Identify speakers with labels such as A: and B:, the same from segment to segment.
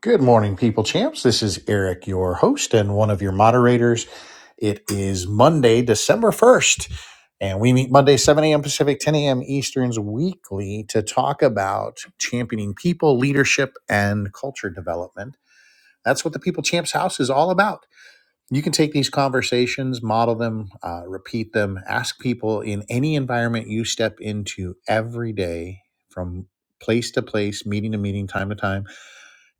A: Good morning, people champs. This is Eric, your host and one of your moderators. It is Monday, December 1st, and we meet Monday, 7 a.m. Pacific, 10 a.m. Easterns weekly to talk about championing people, leadership, and culture development. That's what the People Champs House is all about. You can take these conversations, model them, uh, repeat them, ask people in any environment you step into every day from place to place, meeting to meeting, time to time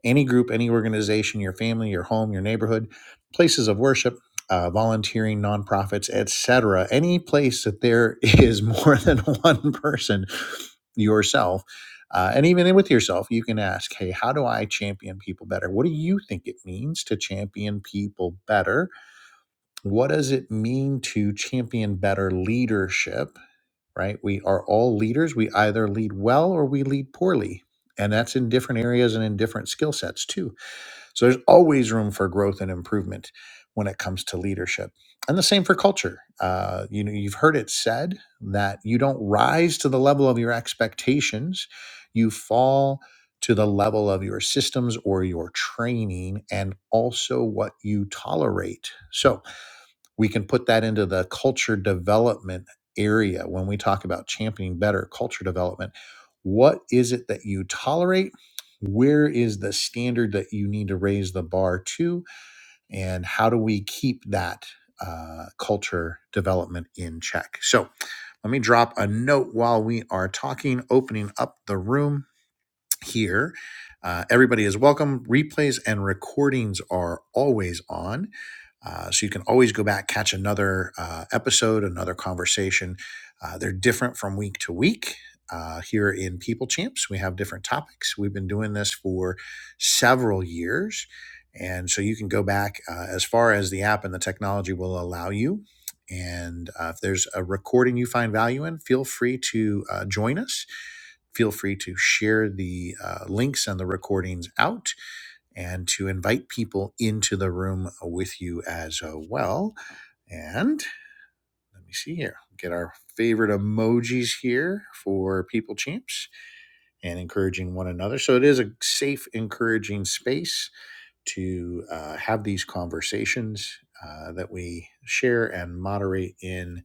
A: any group, any organization, your family, your home, your neighborhood, places of worship, uh, volunteering, nonprofits, etc. Any place that there is more than one person, yourself, uh, and even with yourself, you can ask, "Hey, how do I champion people better? What do you think it means to champion people better? What does it mean to champion better leadership?" Right? We are all leaders. We either lead well or we lead poorly. And that's in different areas and in different skill sets too so there's always room for growth and improvement when it comes to leadership. And the same for culture. Uh, you know, you've heard it said that you don't rise to the level of your expectations, you fall to the level of your systems or your training and also what you tolerate. So we can put that into the culture development area when we talk about championing better culture development. What is it that you tolerate? Where is the standard that you need to raise the bar to? And how do we keep that uh, culture development in check? So let me drop a note while we are talking, opening up the room here. Uh, everybody is welcome. Replays and recordings are always on. Uh, so you can always go back, catch another uh, episode, another conversation. Uh, they're different from week to week. Uh, here in People Champs, we have different topics. We've been doing this for several years. And so you can go back uh, as far as the app and the technology will allow you. And uh, if there's a recording you find value in, feel free to uh, join us feel free to share the uh, links and the recordings out and to invite people into the room with you as uh, well. And let me see here, get our favorite emojis here for people champs and encouraging one another. So it is a safe, encouraging space to uh, have these conversations. Uh, that we share and moderate in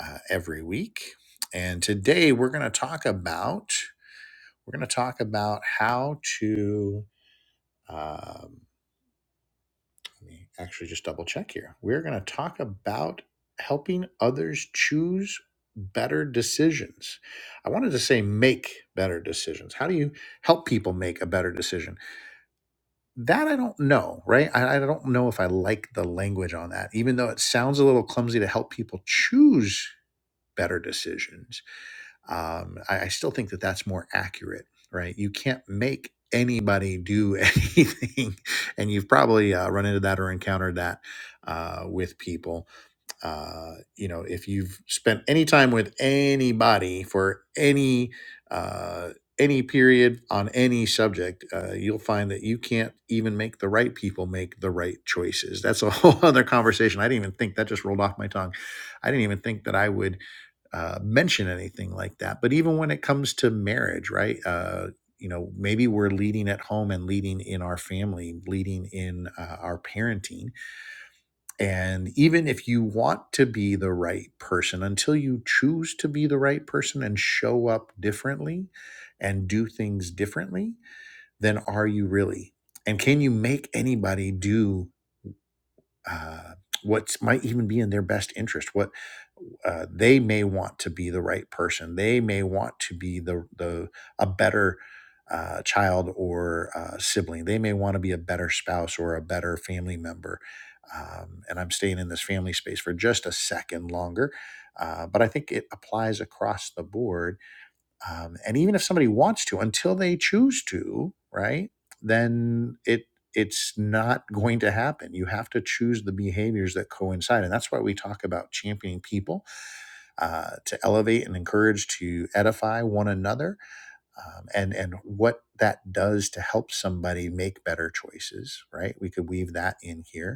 A: uh, every week. And today we're going to talk about we're going to talk about how to. Um, let me actually just double check here. We're going to talk about helping others choose better decisions. I wanted to say make better decisions. How do you help people make a better decision? That I don't know, right? I, I don't know if I like the language on that, even though it sounds a little clumsy to help people choose better decisions um, I, I still think that that's more accurate, right? You can't make anybody do anything, and you've probably uh, run into that or encountered that uh, with people uh, you know, if you've spent any time with anybody for any uh, any period on any subject, uh, you'll find that you can't even make the right people make the right choices. That's a whole other conversation. I didn't even think that just rolled off my tongue. I didn't even think that I would uh, mention anything like that. But even when it comes to marriage, right? Uh, you know, maybe we're leading at home and leading in our family, leading in uh, our parenting and even if you want to be the right person, until you choose to be the right person and show up differently and do things differently, then are you really? And can you make anybody do? uh, what might even be in their best interest. What uh, they may want to be the right person. They may want to be the the a better uh, child or uh, sibling. They may want to be a better spouse or a better family member. Um, and I'm staying in this family space for just a second longer, uh, but I think it applies across the board um, and even if somebody wants to until they choose to right then it it's not going to happen you have to choose the behaviors that coincide and that's why we talk about championing people uh, to elevate and encourage to edify one another um, and and what that does to help somebody make better choices right we could weave that in here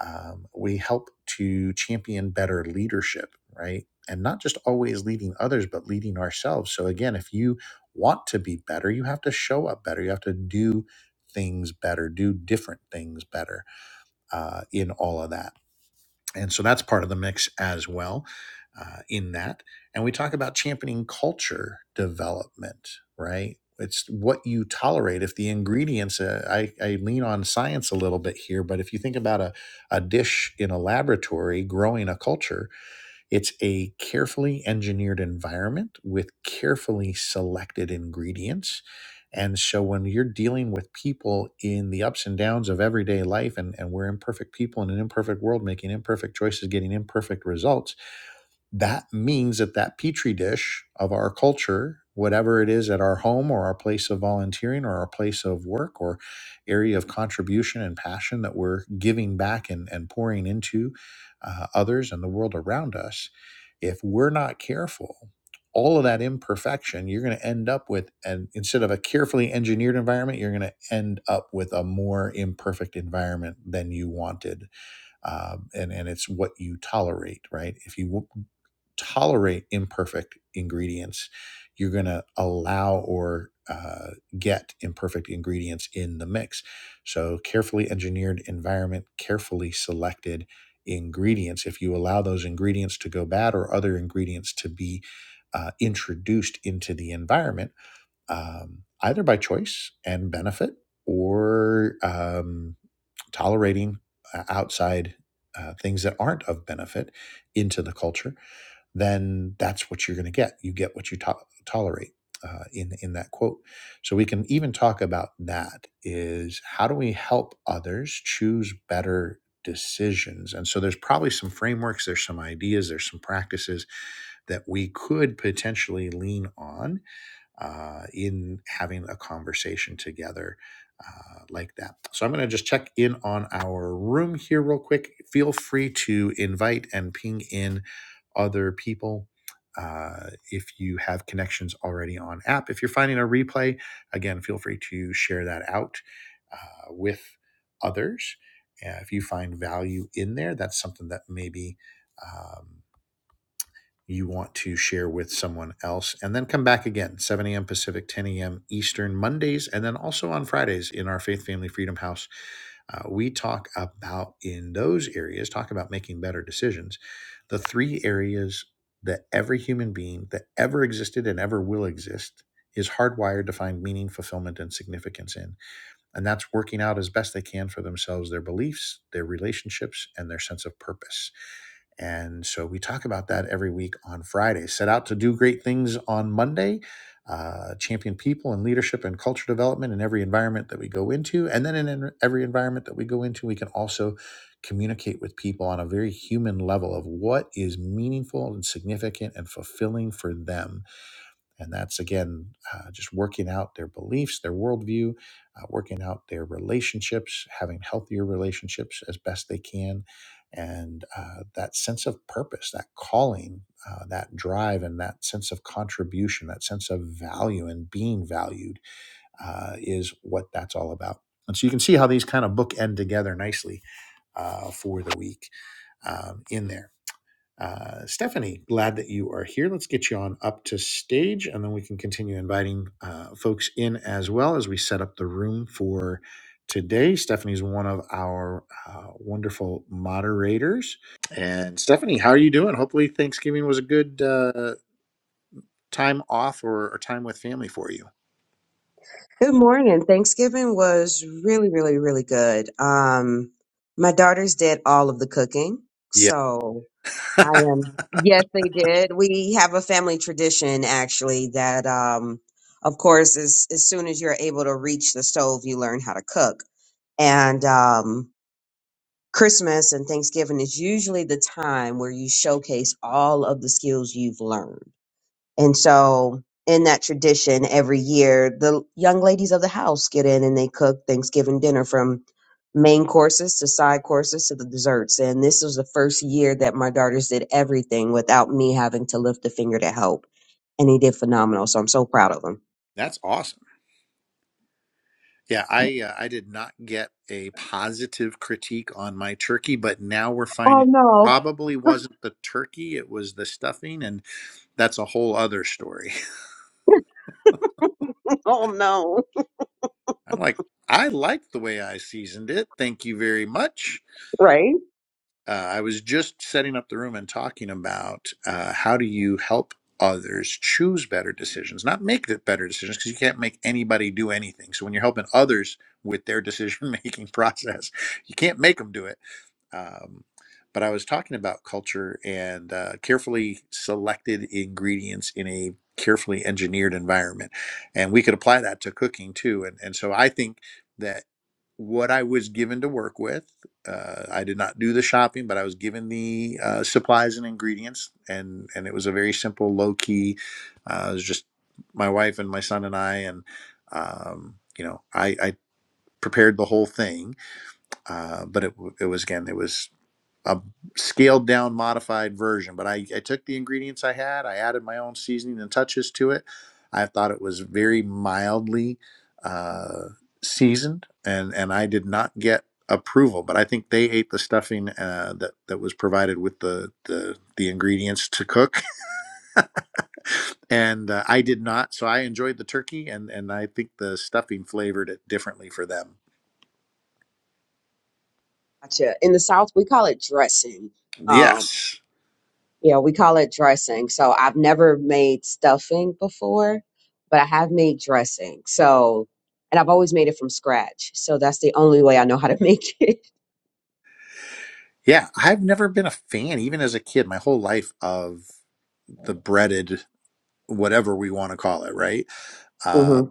A: um, we help to champion better leadership, right? And not just always leading others, but leading ourselves. So, again, if you want to be better, you have to show up better. You have to do things better, do different things better uh, in all of that. And so that's part of the mix as well uh, in that. And we talk about championing culture development, right? It's what you tolerate. If the ingredients, uh, I, I lean on science a little bit here, but if you think about a, a dish in a laboratory growing a culture, it's a carefully engineered environment with carefully selected ingredients. And so when you're dealing with people in the ups and downs of everyday life, and, and we're imperfect people in an imperfect world, making imperfect choices, getting imperfect results, that means that that petri dish of our culture whatever it is at our home or our place of volunteering or our place of work or area of contribution and passion that we're giving back and, and pouring into uh, others and the world around us if we're not careful all of that imperfection you're going to end up with and instead of a carefully engineered environment you're going to end up with a more imperfect environment than you wanted um, and and it's what you tolerate, right? If you w- tolerate imperfect ingredients, you're going to allow or uh, get imperfect ingredients in the mix. So, carefully engineered environment, carefully selected ingredients. If you allow those ingredients to go bad or other ingredients to be uh, introduced into the environment, um, either by choice and benefit or. Um, tolerating uh, outside uh, things that aren't of benefit into the culture, then that's what you're going to get. You get what you to- tolerate uh, in in that quote. So we can even talk about that. Is how do we help others choose better decisions? And so there's probably some frameworks, there's some ideas, there's some practices that we could potentially lean on uh, in having a conversation together uh, like that. So I'm going to just check in on our room here real quick. Feel free to invite and ping in other people. Uh, if you have connections already on app, if you're finding a replay, again, feel free to share that out uh, with others. Uh, if you find value in there, that's something that maybe um, you want to share with someone else. And then come back again, 7 a.m. Pacific, 10 a.m. Eastern, Mondays, and then also on Fridays in our Faith Family Freedom House. Uh, we talk about in those areas, talk about making better decisions, the three areas that every human being that ever existed and ever will exist is hardwired to find meaning, fulfillment, and significance in and that's working out as best they can for themselves their beliefs, their relationships, and their sense of purpose. And so we talk about that every week on Friday. Set out to do great things on Monday, uh, champion people and leadership and culture development in every environment that we go into. And then in en- every environment that we go into, we can also communicate with people on a very human level of what is meaningful and significant and fulfilling for them and that's again uh, just working out their beliefs, their worldview, uh, working out their relationships, having healthier relationships as best they can. And uh, that sense of purpose, that calling, uh, that drive, and that sense of contribution, that sense of value and being valued uh, is what that's all about. And so you can see how these kind of bookend together nicely uh, for the week um, in there. Uh, Stephanie, glad that you are here. Let's get you on up to stage, and then we can continue inviting uh, folks in as well as we set up the room for today. Stephanie's one of our uh, wonderful moderators. And Stephanie, how are you doing? Hopefully, Thanksgiving was a good uh, time off or, or time with family for you.
B: Good morning. Thanksgiving was really, really, really good. Um, my daughters did all of the cooking,
A: Yeah,
B: so I am. Yes, they did. We have a family tradition actually that, um, of course, as as soon as you're able to reach the stove, you learn how to cook. And um, Christmas and Thanksgiving is usually the time where you showcase all of the skills you've learned. And so, in that tradition, every year the young ladies of the house get in and they cook Thanksgiving dinner from main courses to side courses to the desserts. And this was the first year that my daughters did everything without me having to lift a finger to help. And they did phenomenal. So I'm so proud of them.
A: that's awesome. Yeah, I uh, I did not get a positive critique on my turkey, but now we're
B: Oh
A: finding
B: no.
A: probably wasn't the turkey, it was the stuffing, and that's a whole other story.
B: Oh, no.
A: I'm like, I like the way I seasoned it. Thank you very much.
B: Right?
A: Uh, I was just setting up the room and talking about uh, how do you help others choose better decisions, not make the better decisions, because you can't make anybody do anything. So when you're helping others with their decision making process, you can't make them do it. Um, but I was talking about culture and uh, carefully selected ingredients in a carefully engineered environment. And we could apply that to cooking too. And, and so I think that what I was given to work with uh, I did not do the shopping, but I was given the uh, supplies and ingredients, and and it was a very simple, low key. Uh, it was just my wife and my son and I, and um, you know, I, I prepared the whole thing. Uh, but it it was again, it was a scaled down modified version but I, I took the ingredients i had i added my own seasoning and touches to it i thought it was very mildly uh, seasoned and and i did not get approval but i think they ate the stuffing uh, that that was provided with the the, the ingredients to cook and uh, i did not so i enjoyed the turkey and and i think the stuffing flavored it differently for them
B: Gotcha. In the South, we call it dressing. Um.
A: yes
B: Yeah, we call it dressing. So I've never made stuffing before, but I have made dressing. So, and I've always made it from scratch. So that's the only way I know how to make it.
A: yeah i've never been a fan even as a kid my whole life of the breaded whatever we want to call it, right? Uh,
B: hmm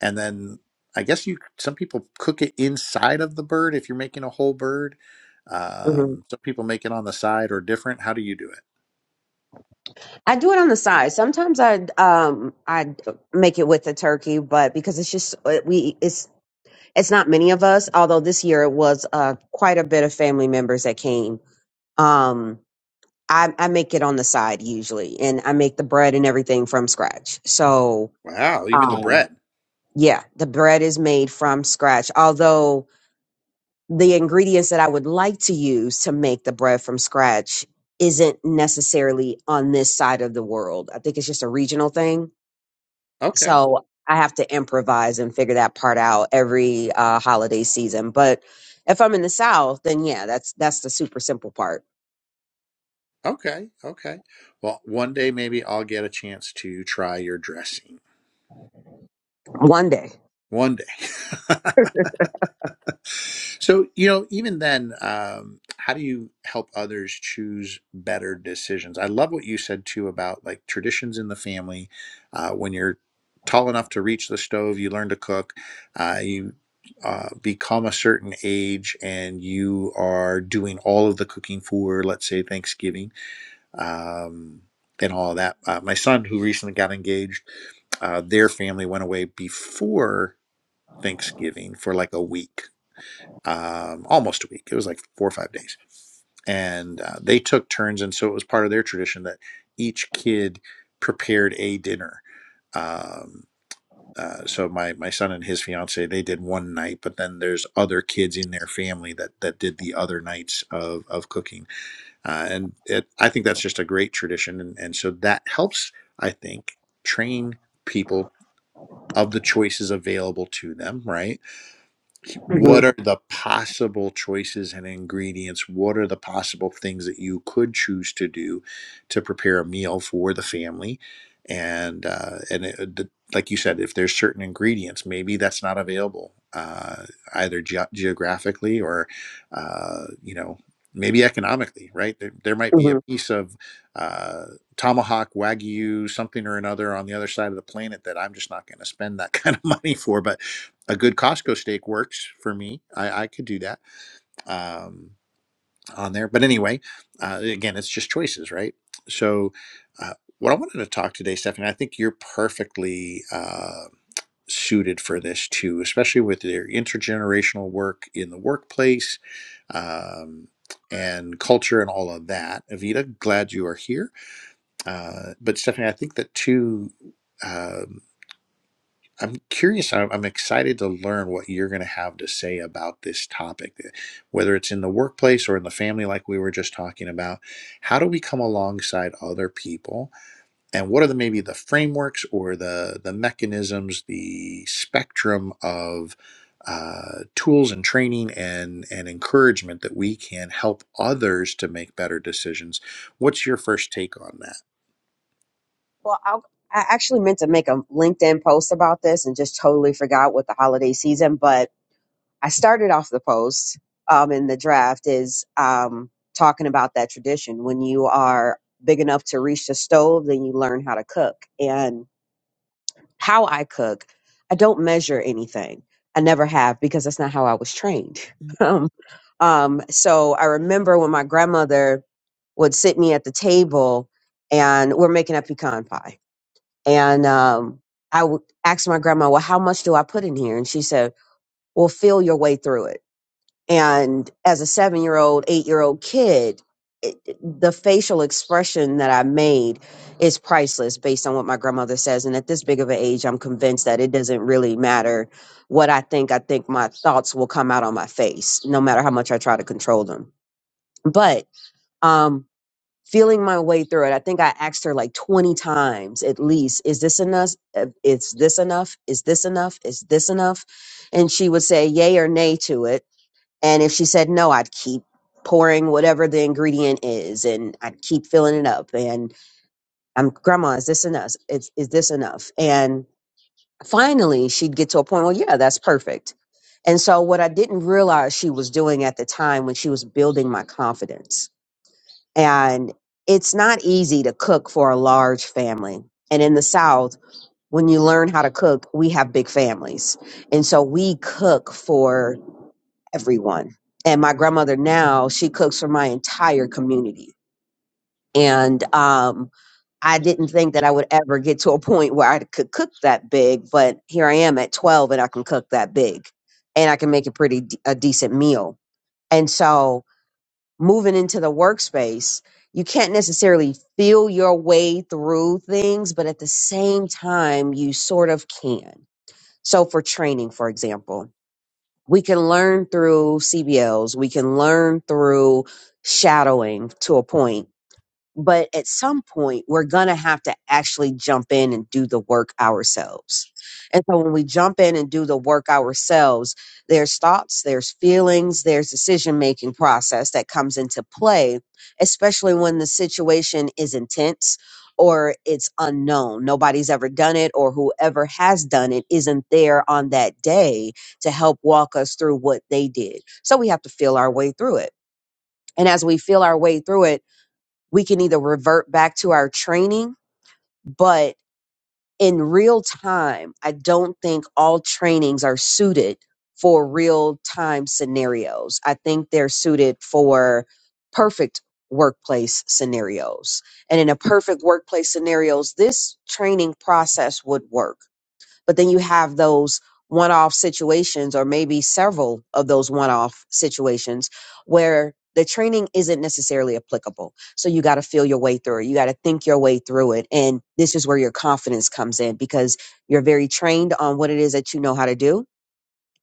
A: and then I guess you some people cook it inside of the bird if you're making a whole bird.
B: hmm
A: Um, some people make it on the side or different. How do you do it?
B: I do it on the side. Sometimes I um I d- make it with the turkey, but because it's just uh, we it's it's not many of us. Although this year it was uh quite a bit of family members that came. Um, I I make it on the side usually, and I make the bread and everything from scratch. So.
A: Wow, even the
B: Um,
A: bread.
B: Yeah, the bread is made from scratch. Although the ingredients that I would like to use to make the bread from scratch isn't necessarily on this side of the world. I think it's just a regional thing.
A: Okay,
B: So I have to improvise and figure that part out every uh, holiday season. But if I'm in the South, then yeah, that's that's the super simple part.
A: okay, okay. Well, one day maybe I'll get a chance to try your dressing.
B: One day.
A: One day. So, you know, even then, um, how do you help others choose better decisions? I love what you said too about like traditions in the family. Uh, when you're tall enough to reach the stove, you learn to cook. Uh, you uh, become a certain age and you are doing all of the cooking for, let's say, Thanksgiving. Um, and all of that. Uh, my son, who recently got engaged, uh, their family went away before Thanksgiving for like a week um, almost a week. It was like four or five days. And uh, they took turns. And so it was part of their tradition that each kid prepared a dinner. Um, uh, so my, my son and his fiance, they did one night, but then there's other kids in their family that, that did the other nights of, of cooking. Uh, and it, I think that's just a great tradition. And, and so that helps, I think, train people of the choices available to them, right?
B: hmm
A: what are the possible choices and ingredients? What are the possible things that you could choose to do to prepare a meal for the family? And uh, and it, uh, the, like you said, if there's certain ingredients, maybe that's not available uh, either ge- geographically or uh, you know maybe economically, right? There, there might be a
B: hmm
A: piece of uh, tomahawk wagyu something or another on the other side of the planet that I'm just not going to spend that kind of money for, but a good Costco steak works for me. I, I could do that um, on there. But anyway, uh, again, it's just choices, right? So, uh, what I wanted to talk today, Stephanie, I think you're perfectly uh, suited for this too, especially with your intergenerational work in the workplace um, and culture and all of that. Avita, glad you are here. Uh, but Stephanie, I think that too. I'm curious. I'm I'm excited to learn what you're going to have to say about this topic, eh, whether it's in the workplace or in the family, like we were just talking about. How do we come alongside other people, and what are the maybe the frameworks or the the mechanisms, the spectrum of uh, tools and training and and encouragement that we can help others to make better decisions? What's your first take on that?
B: Well, I'll, I actually meant to make a LinkedIn post about this and just totally forgot with the holiday season, but I started off the post um, in the draft is um, talking about that tradition. When you are big enough to reach the stove, then you learn how to cook. And how I cook, I don't measure anything. I never have because that's not how I was trained. um, um, so I remember when my grandmother would sit me at the table and we're making a pecan pie. And um, I would ask my grandma, Well, how much do I put in here? And she said, Well, feel your way through it and as a seven year old, eight year old kid, it, the facial expression that I made is priceless based on what my grandmother says. And at this big of an age, I'm convinced that it doesn't really matter what I think. I think my thoughts will come out on my face, no matter how much I try to control them. But um, feeling my way through it, I think I asked her like 20 times at least, is this enough? Uh, Is this enough? Is this enough? Is this enough? And she would say yay or nay to it and if she said no, I'd keep pouring whatever the ingredient is and I'd keep filling it up. And I'm, Grandma, is this enough? Is, is this enough? And finally, she'd get to a point, well, yeah, that's perfect. And so, what I didn't realize she was doing at the time when she was building my confidence. And it's not easy to cook for a large family. And in the South, when you learn how to cook, we have big families. And so we cook for everyone. And my grandmother now, she cooks for my entire community. And um, I didn't think that I would ever get to a point where I could cook that big, but here I am at 12 and I can cook that big and I can make a pretty d- a decent meal. And so moving into the workspace, you can't necessarily feel your way through things, but at the same time, you sort of can. So for training, for example, we can learn through CBLs, we can learn through shadowing to a point but at some point we're going to have to actually jump in and do the work ourselves and so when we jump in and do the work ourselves there's thoughts there's feelings there's decision making process that comes into play especially when the situation is intense or it's unknown nobody's ever done it or whoever has done it isn't there on that day to help walk us through what they did so we have to feel our way through it and as we feel our way through it we can either revert back to our training, but in real time, I don't think all trainings are suited for real time scenarios. I think they're suited for perfect workplace scenarios. And in a perfect workplace scenarios, this training process would work but then you have those one off situations, or maybe several of those one off situations where the training isn't necessarily applicable. So you got to feel your way through it. You got to think your way through it. And this is where your confidence comes in because you're very trained on what it is that you know how to do.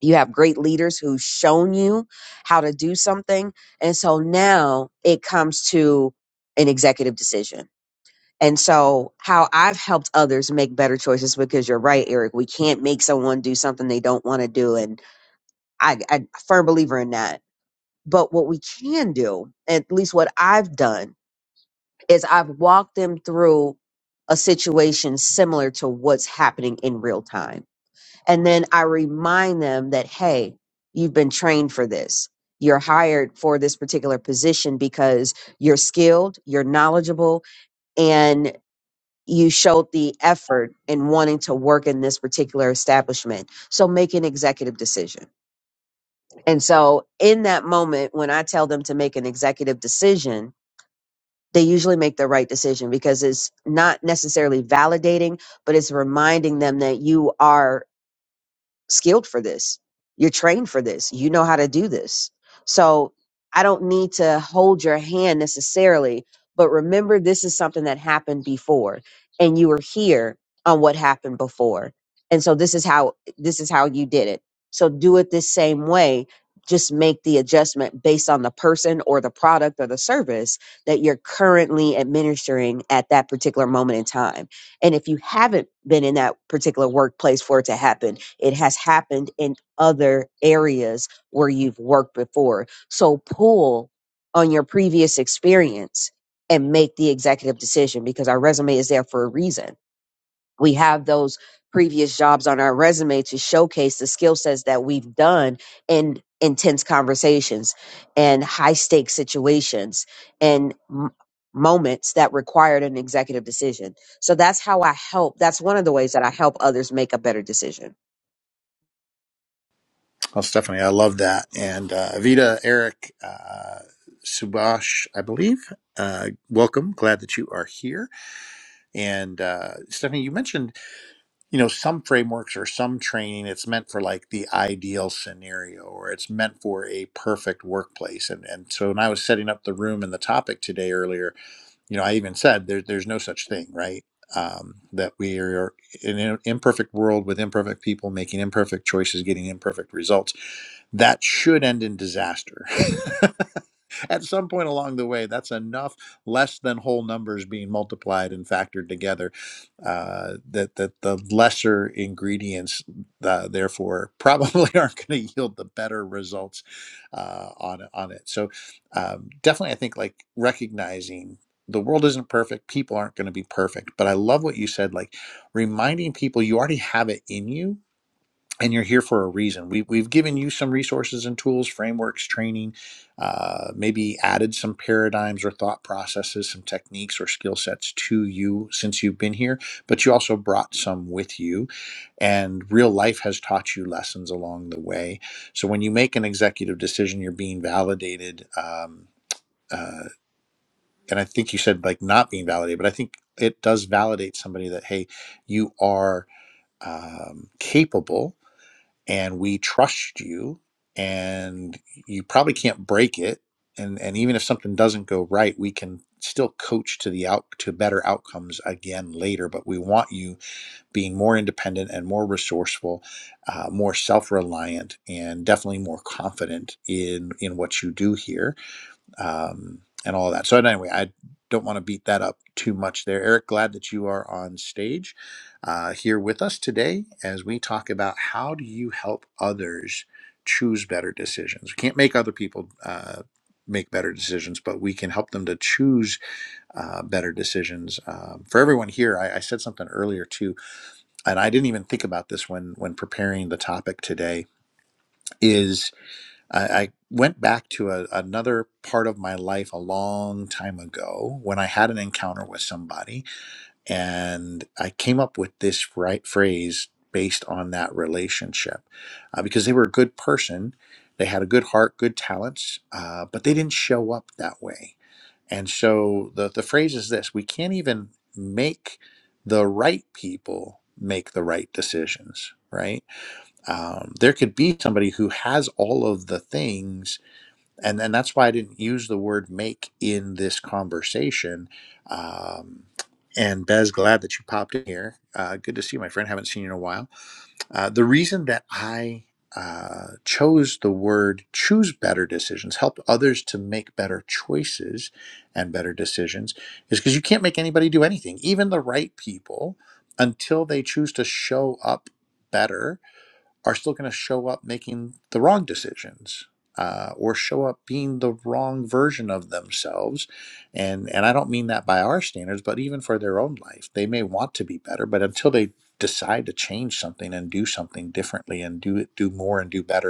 B: You have great leaders who've shown you how to do something. And so now it comes to an executive decision and so, how I've helped others make better choices because you're right, Eric. We can't make someone do something they don't want to do, and I, I a firm believer in that. But what we can do, at least what I've done, is I've walked them through a situation similar to what's happening in real time, and then I remind them that hey, you've been trained for this. You're hired for this particular position because you're skilled, you're knowledgeable, and you showed the effort in wanting to work in this particular establishment. So make an executive decision. And so in that moment, when I tell them to make an executive decision, they usually make the right decision because it's not necessarily validating, but it's reminding them that you are skilled for this. You're trained for this. You know how to do this. So I don't need to hold your hand necessarily, but remember this is something that happened before and you were here on what happened before. And so this is how this is how you did it. So do it the same way. Just make the adjustment based on the person or the product or the service that you're currently administering at that particular moment in time and if you haven't been in that particular workplace for it to happen, it has happened in other areas where you've worked before. So pull on your previous experience and make the executive decision because our resume is there for a reason we have those previous jobs on our resume to showcase the skill sets that we've done in intense conversations and high stakes situations and m- moments that required an executive decision. So that's how I help. That's one of the ways that I help others make a better decision.
A: Well, Stephanie, I love that. And uh, Avita, Eric, uh, Subash, I believe. Uh, welcome. Glad that you are here. And uh, Stephanie, you mentioned, you know, some frameworks or some training, it's meant for like the ideal scenario or it's meant for a perfect workplace. And, and so when I was setting up the room and the topic today earlier, you know, I even said there, there's no such thing, right? Um, that we are in an imperfect world with imperfect people making imperfect choices, getting imperfect results. That should end in disaster. At some point along the way, that's enough less than whole numbers being multiplied and factored together uh, that that the lesser ingredients, uh, therefore, probably aren't going to yield the better results uh, on on it. So um, definitely, I think like recognizing the world isn't perfect people aren't going to be perfect but i love what you said like reminding people you already have it in you and you're here for a reason we, we've given you some resources and tools frameworks training uh, maybe added some paradigms or thought processes some techniques or skill sets to you since you've been here but you also brought some with you and real life has taught you lessons along the way so when you make an executive decision you're being validated um, uh, and I think you said like not being validated, but I think it does validate somebody that hey, you are um, capable, and we trust you, and you probably can't break it, and and even if something doesn't go right, we can still coach to the out to better outcomes again later. But we want you being more independent and more resourceful, uh, more self reliant, and definitely more confident in in what you do here um, and all of that. So anyway, I don't want to beat that up too much there. Eric, glad that you are on stage uh, here with us today as we talk about how do you help others choose better decisions. We can't make other people. Uh, Make better decisions, but we can help them to choose uh, better decisions. Um, for everyone here, I, I said something earlier too, and I didn't even think about this when when preparing the topic today. Is I, I went back to a, another part of my life a long time ago when I had an encounter with somebody, and I came up with this right phrase based on that relationship uh, because they were a good person, they had a good heart, good talents, uh, but they didn't show up that way. And so the the phrase is this: we can't even make the right people make the right decisions, right? Um, there could be somebody who has all of the things and and that's why I didn't use the word make in this conversation. Um, and Bez, glad that you popped in here. Uh, good to see you, my friend. Haven't seen you in a while. Uh, the reason that I uh, chose the word choose better decisions, help others to make better choices and better decisions, is because you can't make anybody do anything, even the right people, until they choose to show up better are still going to show up making the wrong decisions uh, or show up being the wrong version of themselves and and i don't mean that by our standards but even for their own life they may want to be better but until they decide to change something and do something differently and do it do more and do better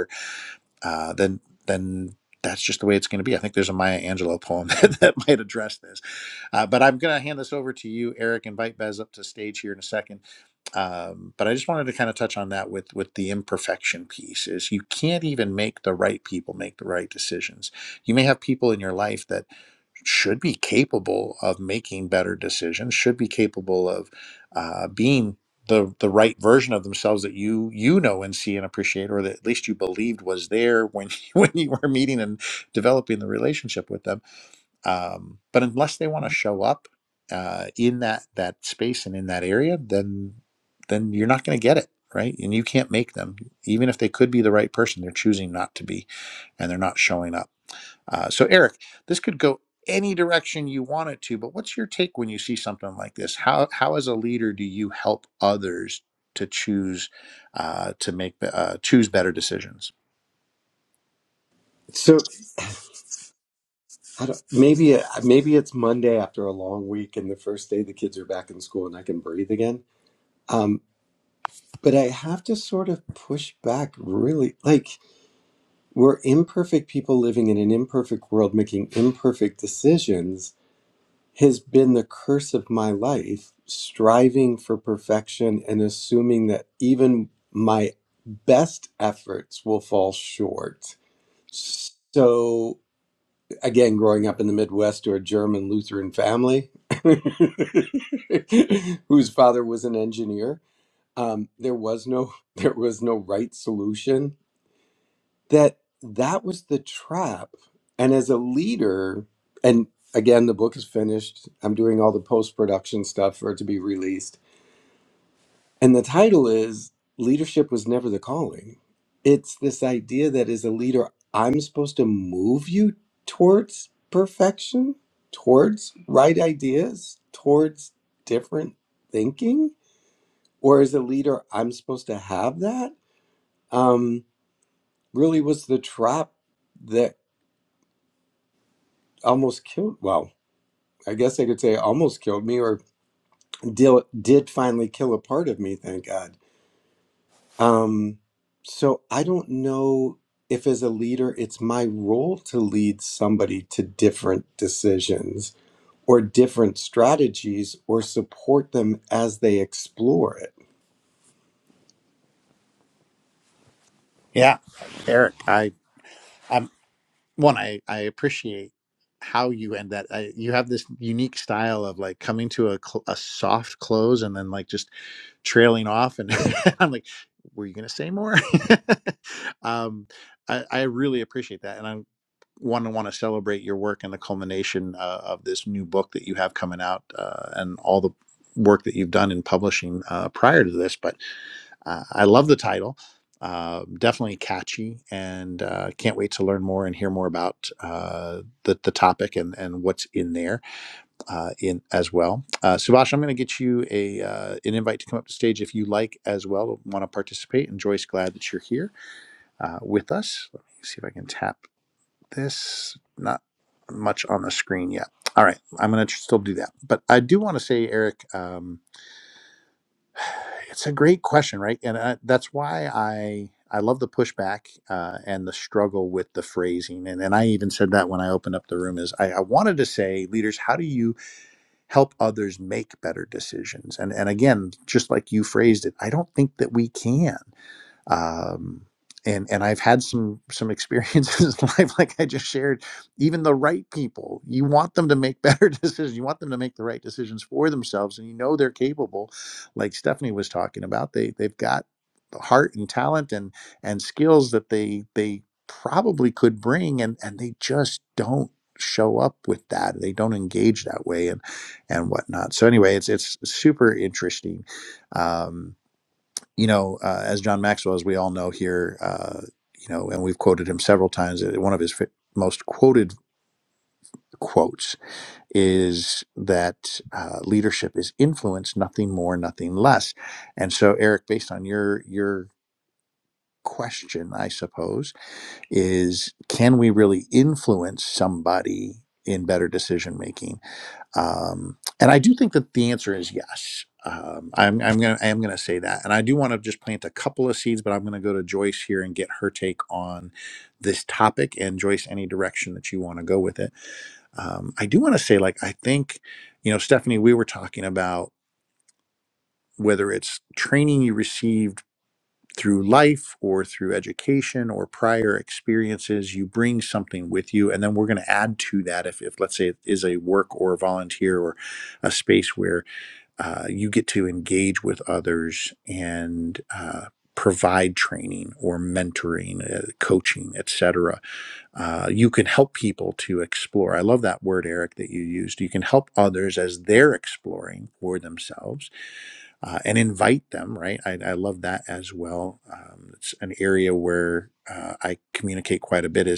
A: uh, then then that's just the way it's going to be. I think there's a Maya Angelou poem that, that might address this. Uh, but I'm going to hand this over to you, Eric. Invite Bez up to stage here in a second. Um, but I just wanted to kind of touch on that with with the imperfection piece. Is you can't even make the right people make the right decisions. You may have people in your life that should be capable of making better decisions, should be capable of uh, being the the right version of themselves that you you know and see and appreciate or that at least you believed was there when when you were meeting and developing the relationship with them um, but unless they want to show up uh, in that that space and in that area then then you're not going to get it right and you can't make them even if they could be the right person they're choosing not to be and they're not showing up uh, so, Eric, this could go any direction you want it to, but what's your take when you see something like this? How, how as a leader, do you help others to choose uh, to make the- uh, choose better decisions?
C: So I don't, maybe maybe it's Monday after a long week, and the first day the kids are back in school, and I can breathe again. Um, but I have to sort of push back. Really, like we're imperfect people living in an imperfect world, making imperfect decisions. Has been the curse of my life, striving for perfection and assuming that even my best efforts will fall short. So again growing up in the midwest to a german lutheran family whose father was an engineer um, there was no there was no right solution that that was the trap and as a leader and again the book is finished i'm doing all the post-production stuff for it to be released and the title is Leadership Was Never the Calling. It's this idea that as a leader, I'm supposed to move you towards perfection, towards right ideas, towards different thinking. Or as a leader, I'm supposed to have that. Um, really was the trap that almost killed, well, I guess I could say almost killed me or did, did finally kill a part of me, thank God Um, so I don't know if as a leader, it's my role to lead somebody to different decisions or different strategies or support them as they explore it.
A: Yeah, Eric, I I'm one. I I appreciate how you end that. I, you have this unique style of like coming to a cl- a soft close and then like just trailing off, and I'm like, were you gonna say more? um, I, I really appreciate that, and I'm one, I want to celebrate your work and the culmination uh, of this new book that you have coming out uh, and all the work that you've done in publishing uh, prior to this. But uh, I love the title. Uh, definitely catchy, and uh, can't wait to learn more and hear more about uh, the, the topic and, and what's in there uh, in as well. Uh, Subash, I'm going to get you a uh, an invite to come up to stage if you like as well. Want to participate? And Joyce, glad that you're here uh, with us. Let me see if I can tap this not much on the screen yet. All right, I'm going to still do that, but I do want to say, Eric, um, it's a great question, right? And I, that's why I I love the pushback uh, and the struggle with the phrasing, and and I even said that when I opened up the room is I, I wanted to say, leaders, how do you help others make better decisions? And and again, just like you phrased it, I don't think that we can um, and and I've had some some experiences in life, like I just shared. Even the right people, you want them to make better decisions. You want them to make the right decisions for themselves, and you know they're capable. Like Stephanie was talking about, they they've got the heart and talent and and skills that they they probably could bring, and and they just don't show up with that. They don't engage that way, and and whatnot. So anyway, it's it's super interesting. Um, you know, uh, as John Maxwell, as we all know here, uh, you know, and we've quoted him several times. uh, One of his fi- most quoted quotes is that uh, leadership is influence, nothing more, nothing less. And so, Eric, based on your your question, I suppose is can we really influence somebody? In better decision making, um, and I do think that the answer is yes. Um, I'm, I'm gonna I am gonna say that, and I do want to just plant a couple of seeds, but I'm gonna go to Joyce here and get her take on this topic. And Joyce, any direction that you want to go with it. Um, I do want to say, like, I think, you know, Stephanie, we were talking about whether it's training you received through life or through education or prior experiences, you bring something with you, and then we're gonna add to that if, if let's say it is a work or a volunteer or a space where uh, you get to engage with others and uh, provide training or mentoring, uh, coaching, etc. Uh, you can help people to explore. I love that word, Eric, that you used. You can help others as they're exploring for themselves uh, and invite them. Right? I, I love that as well. Um, it's an area where. Uh, I communicate quite a bit Is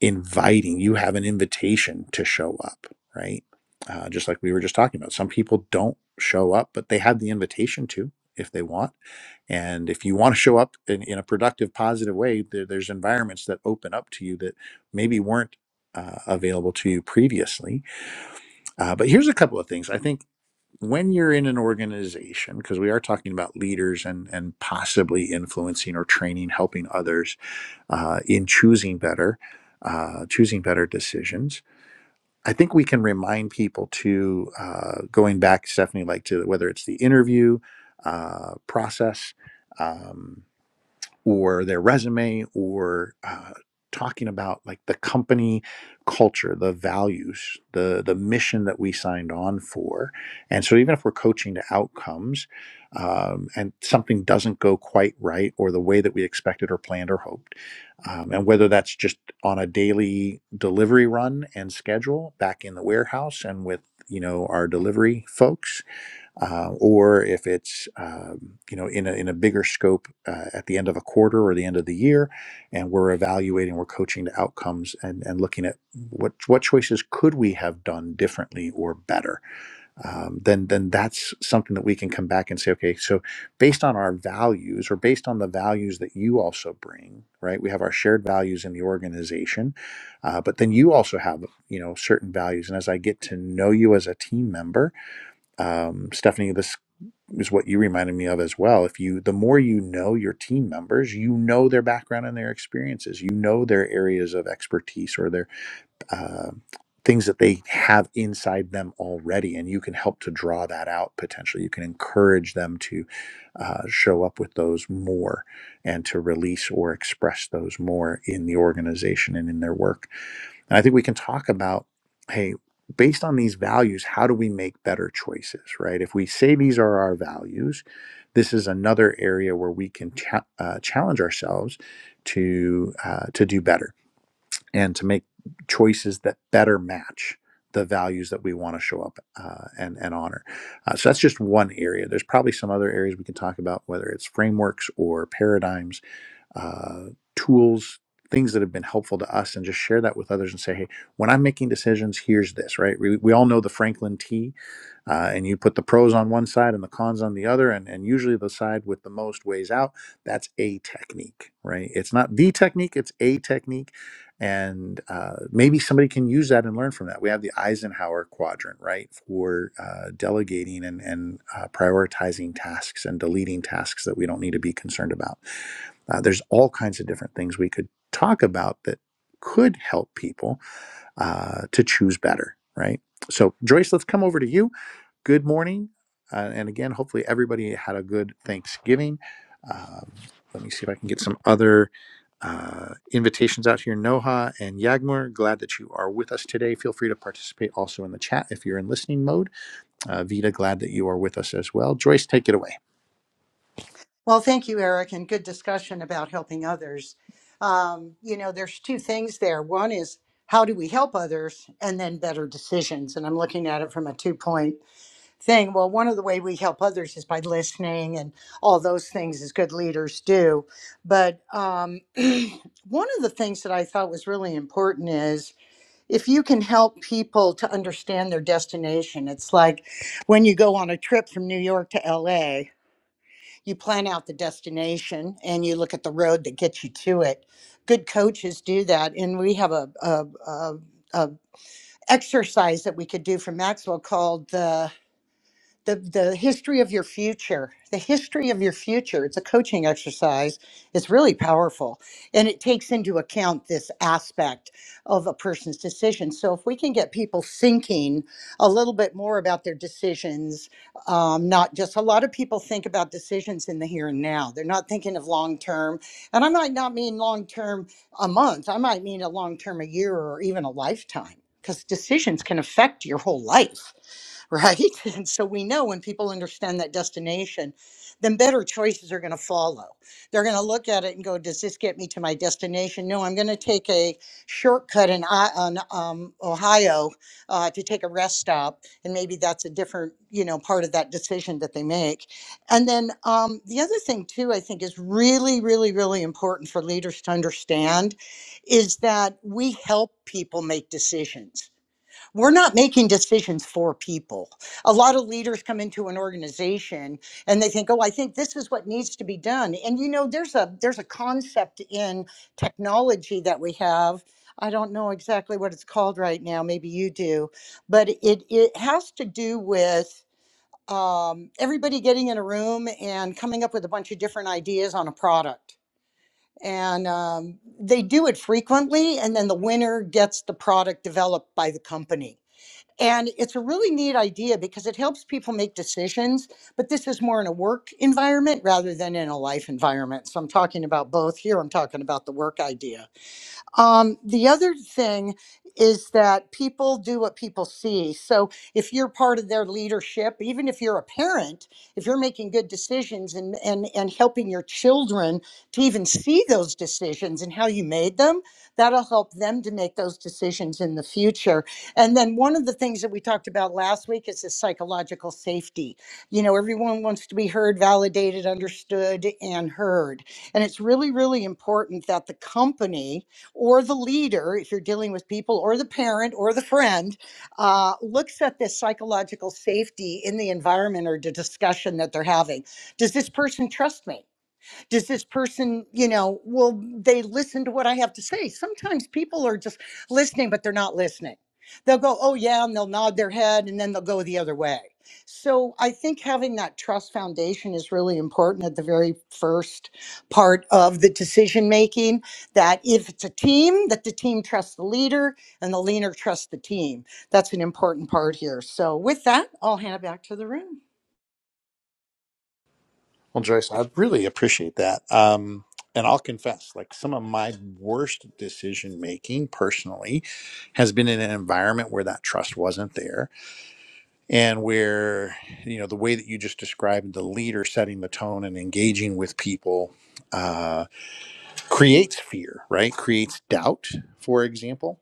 A: inviting you have an invitation to show up right uh, just like we were just talking about some people don't show up but they have the invitation to if they want and if you want to show up in, in a productive positive way there, there's environments that open up to you that maybe weren't uh, available to you previously uh, but here's a couple of things i think when you're in an organization because we are talking about leaders and and possibly influencing or training helping others uh, in choosing better, uh, choosing better decisions. I think we can remind people to uh, going back, Stephanie, like to whether it's the interview uh, process. Um, or their resume or uh, talking about like the company culture the values the the mission that we signed on for and so even if we're coaching to outcomes um, and something doesn't go quite right or the way that we expected or planned or hoped um, and whether that's just on a daily delivery run and schedule back in the warehouse and with you know our delivery folks uh, or if it's um, you know in a, in a bigger scope uh, at the end of a quarter or the end of the year, and we're evaluating, we're coaching the outcomes and and looking at what what choices could we have done differently or better. Um, then then that's something that we can come back and say, okay, so based on our values or based on the values that you also bring, right? We have our shared values in the organization, uh, but then you also have you know certain values, and as I get to know you as a team member um, Stephanie. This is what you reminded me of as well. If you, the more you know your team members, you know their background and their experiences, you know their areas of expertise or their uh, things that they have inside them already, and you can help to draw that out potentially. You can encourage them to uh, show up with those more and to release or express those more in the organization and in their work. And I think we can talk about, hey, based on these values, how do we make better choices, right? If we say these are our values, this is another area where we can cha- uh, challenge ourselves to uh, to do better and to make choices that better match the values that we want to show up uh, and and honor. Uh, so that's just one area. There's probably some other areas we can talk about, whether it's frameworks or paradigms uh, tools, things that have been helpful to us, and just share that with others and say, hey, when I'm making decisions, here's this, right? We, we all know the Franklin T uh, and you put the pros on one side and the cons on the other and, and usually the side with the most weighs out that's a technique right it's not the technique it's a technique and uh, maybe somebody can use that and learn from that we have the eisenhower quadrant right for uh, delegating and, and uh, prioritizing tasks and deleting tasks that we don't need to be concerned about uh, there's all kinds of different things we could talk about that could help people uh, to choose better, right? So, Joyce, let's come over to you. Good morning. Uh, and again, hopefully, everybody had a good Thanksgiving. Um, let me see if I can get some other uh, invitations out here. Noha and Yagmur, glad that you are with us today. Feel free to participate also in the chat if you're in listening mode. Uh, Vita, glad that you are with us as well. Joyce, take it away.
D: Well, thank you, Eric, and good discussion about helping others. Um, you know, there's two things there. One is how do we help others, and then better decisions. And I'm looking at it from a two point thing. Well, one of the way we help others is by listening and all those things as good leaders do. But um, one of the things that I thought was really important is if you can help people to understand their destination. It's like when you go on a trip from New York to LA you plan out the destination and you look at the road that gets you to it. Good coaches do that, and we have a, a, a, a exercise that we could do for Maxwell called the the the history of your future the history of your future it's a coaching exercise it's really powerful and it takes into account this aspect of a person's decision so if we can get people thinking a little bit more about their decisions um, not just a lot of people think about decisions in the here and now they're not thinking of long term and i might not mean long term a month i might mean a long term a year or even a lifetime because decisions can affect your whole life right? And so we know when people understand that destination, then better choices are going to follow. They're going to look at it and go, "Does this get me to my destination?" No, I'm going to take a shortcut in I- on um, Ohio uh, to take a rest stop, and maybe that's a different, you know, part of that decision that they make. And then um, the other thing too, I think, is really, really, really important for leaders to understand, is that we help people make decisions we're not making decisions for people. A lot of leaders come into an organization and they think, "Oh, I think this is what needs to be done." And you know, there's a there's a concept in technology that we have. I don't know exactly what it's called right now. Maybe you do, but it it has to do with um, everybody getting in a room and coming up with a bunch of different ideas on a product. And um, they do it frequently, and then the winner gets the product developed by the company and it's a really neat idea because it helps people make decisions, but this is more in a work environment rather than in a life environment. So I'm talking about both. Here I'm talking about the work idea um, the other thing is that people do what people see. So if you're part of their leadership, even if you're a parent, if you're making good decisions and and and helping your children to even see those decisions and how you made them, that'll help them to make those decisions in the future. And then one of the things that we talked about last week is the psychological safety. You know, everyone wants to be heard, validated, understood, and heard. And it's really, really important that the company or the leader, if you're dealing with people, or the parent or the friend, uh, looks at this psychological safety in the environment or the discussion that they're having. Does this person trust me? does this person you know will they listen to what i have to say sometimes people are just listening but they're not listening they'll go oh yeah and they'll nod their head and then they'll go the other way so i think having that trust foundation is really important at the very first part of the decision making that if it's a team that the team trusts the leader and the leader trusts the team that's an important part here so with that i'll hand it back to the room
A: Well, Joyce, I really appreciate that. Um, and I'll confess, like some of my worst decision making personally has been in an environment where that trust wasn't there and where, you know, the way that you just described the leader setting the tone and engaging with people uh, creates fear, right? Creates doubt, for example.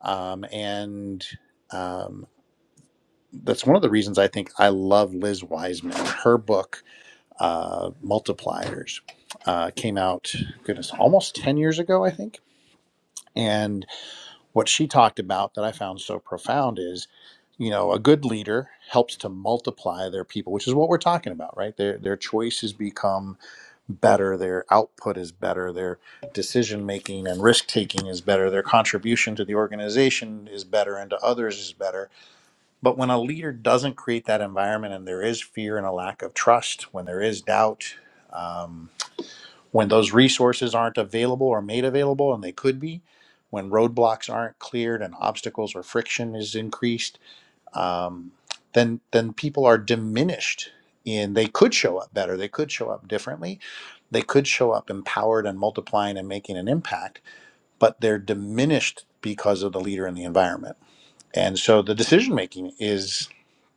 A: Um, and um, that's one of the reasons I think I love Liz Wiseman. Her book, uh, multipliers uh, came out, goodness, almost 10 years ago, I think. And what she talked about that I found so profound is, you know, a good leader helps to multiply their people, which is what we're talking about, right? Their, their choices become better, their output is better, their decision making and risk taking is better, their contribution to the organization is better and to others is better but when a leader doesn't create that environment and there is fear and a lack of trust, when there is doubt, um, when those resources aren't available or made available, and they could be, when roadblocks aren't cleared and obstacles or friction is increased, um, then then people are diminished. In they could show up better, they could show up differently, they could show up empowered and multiplying and making an impact, but they're diminished because of the leader and the environment and so the decision making is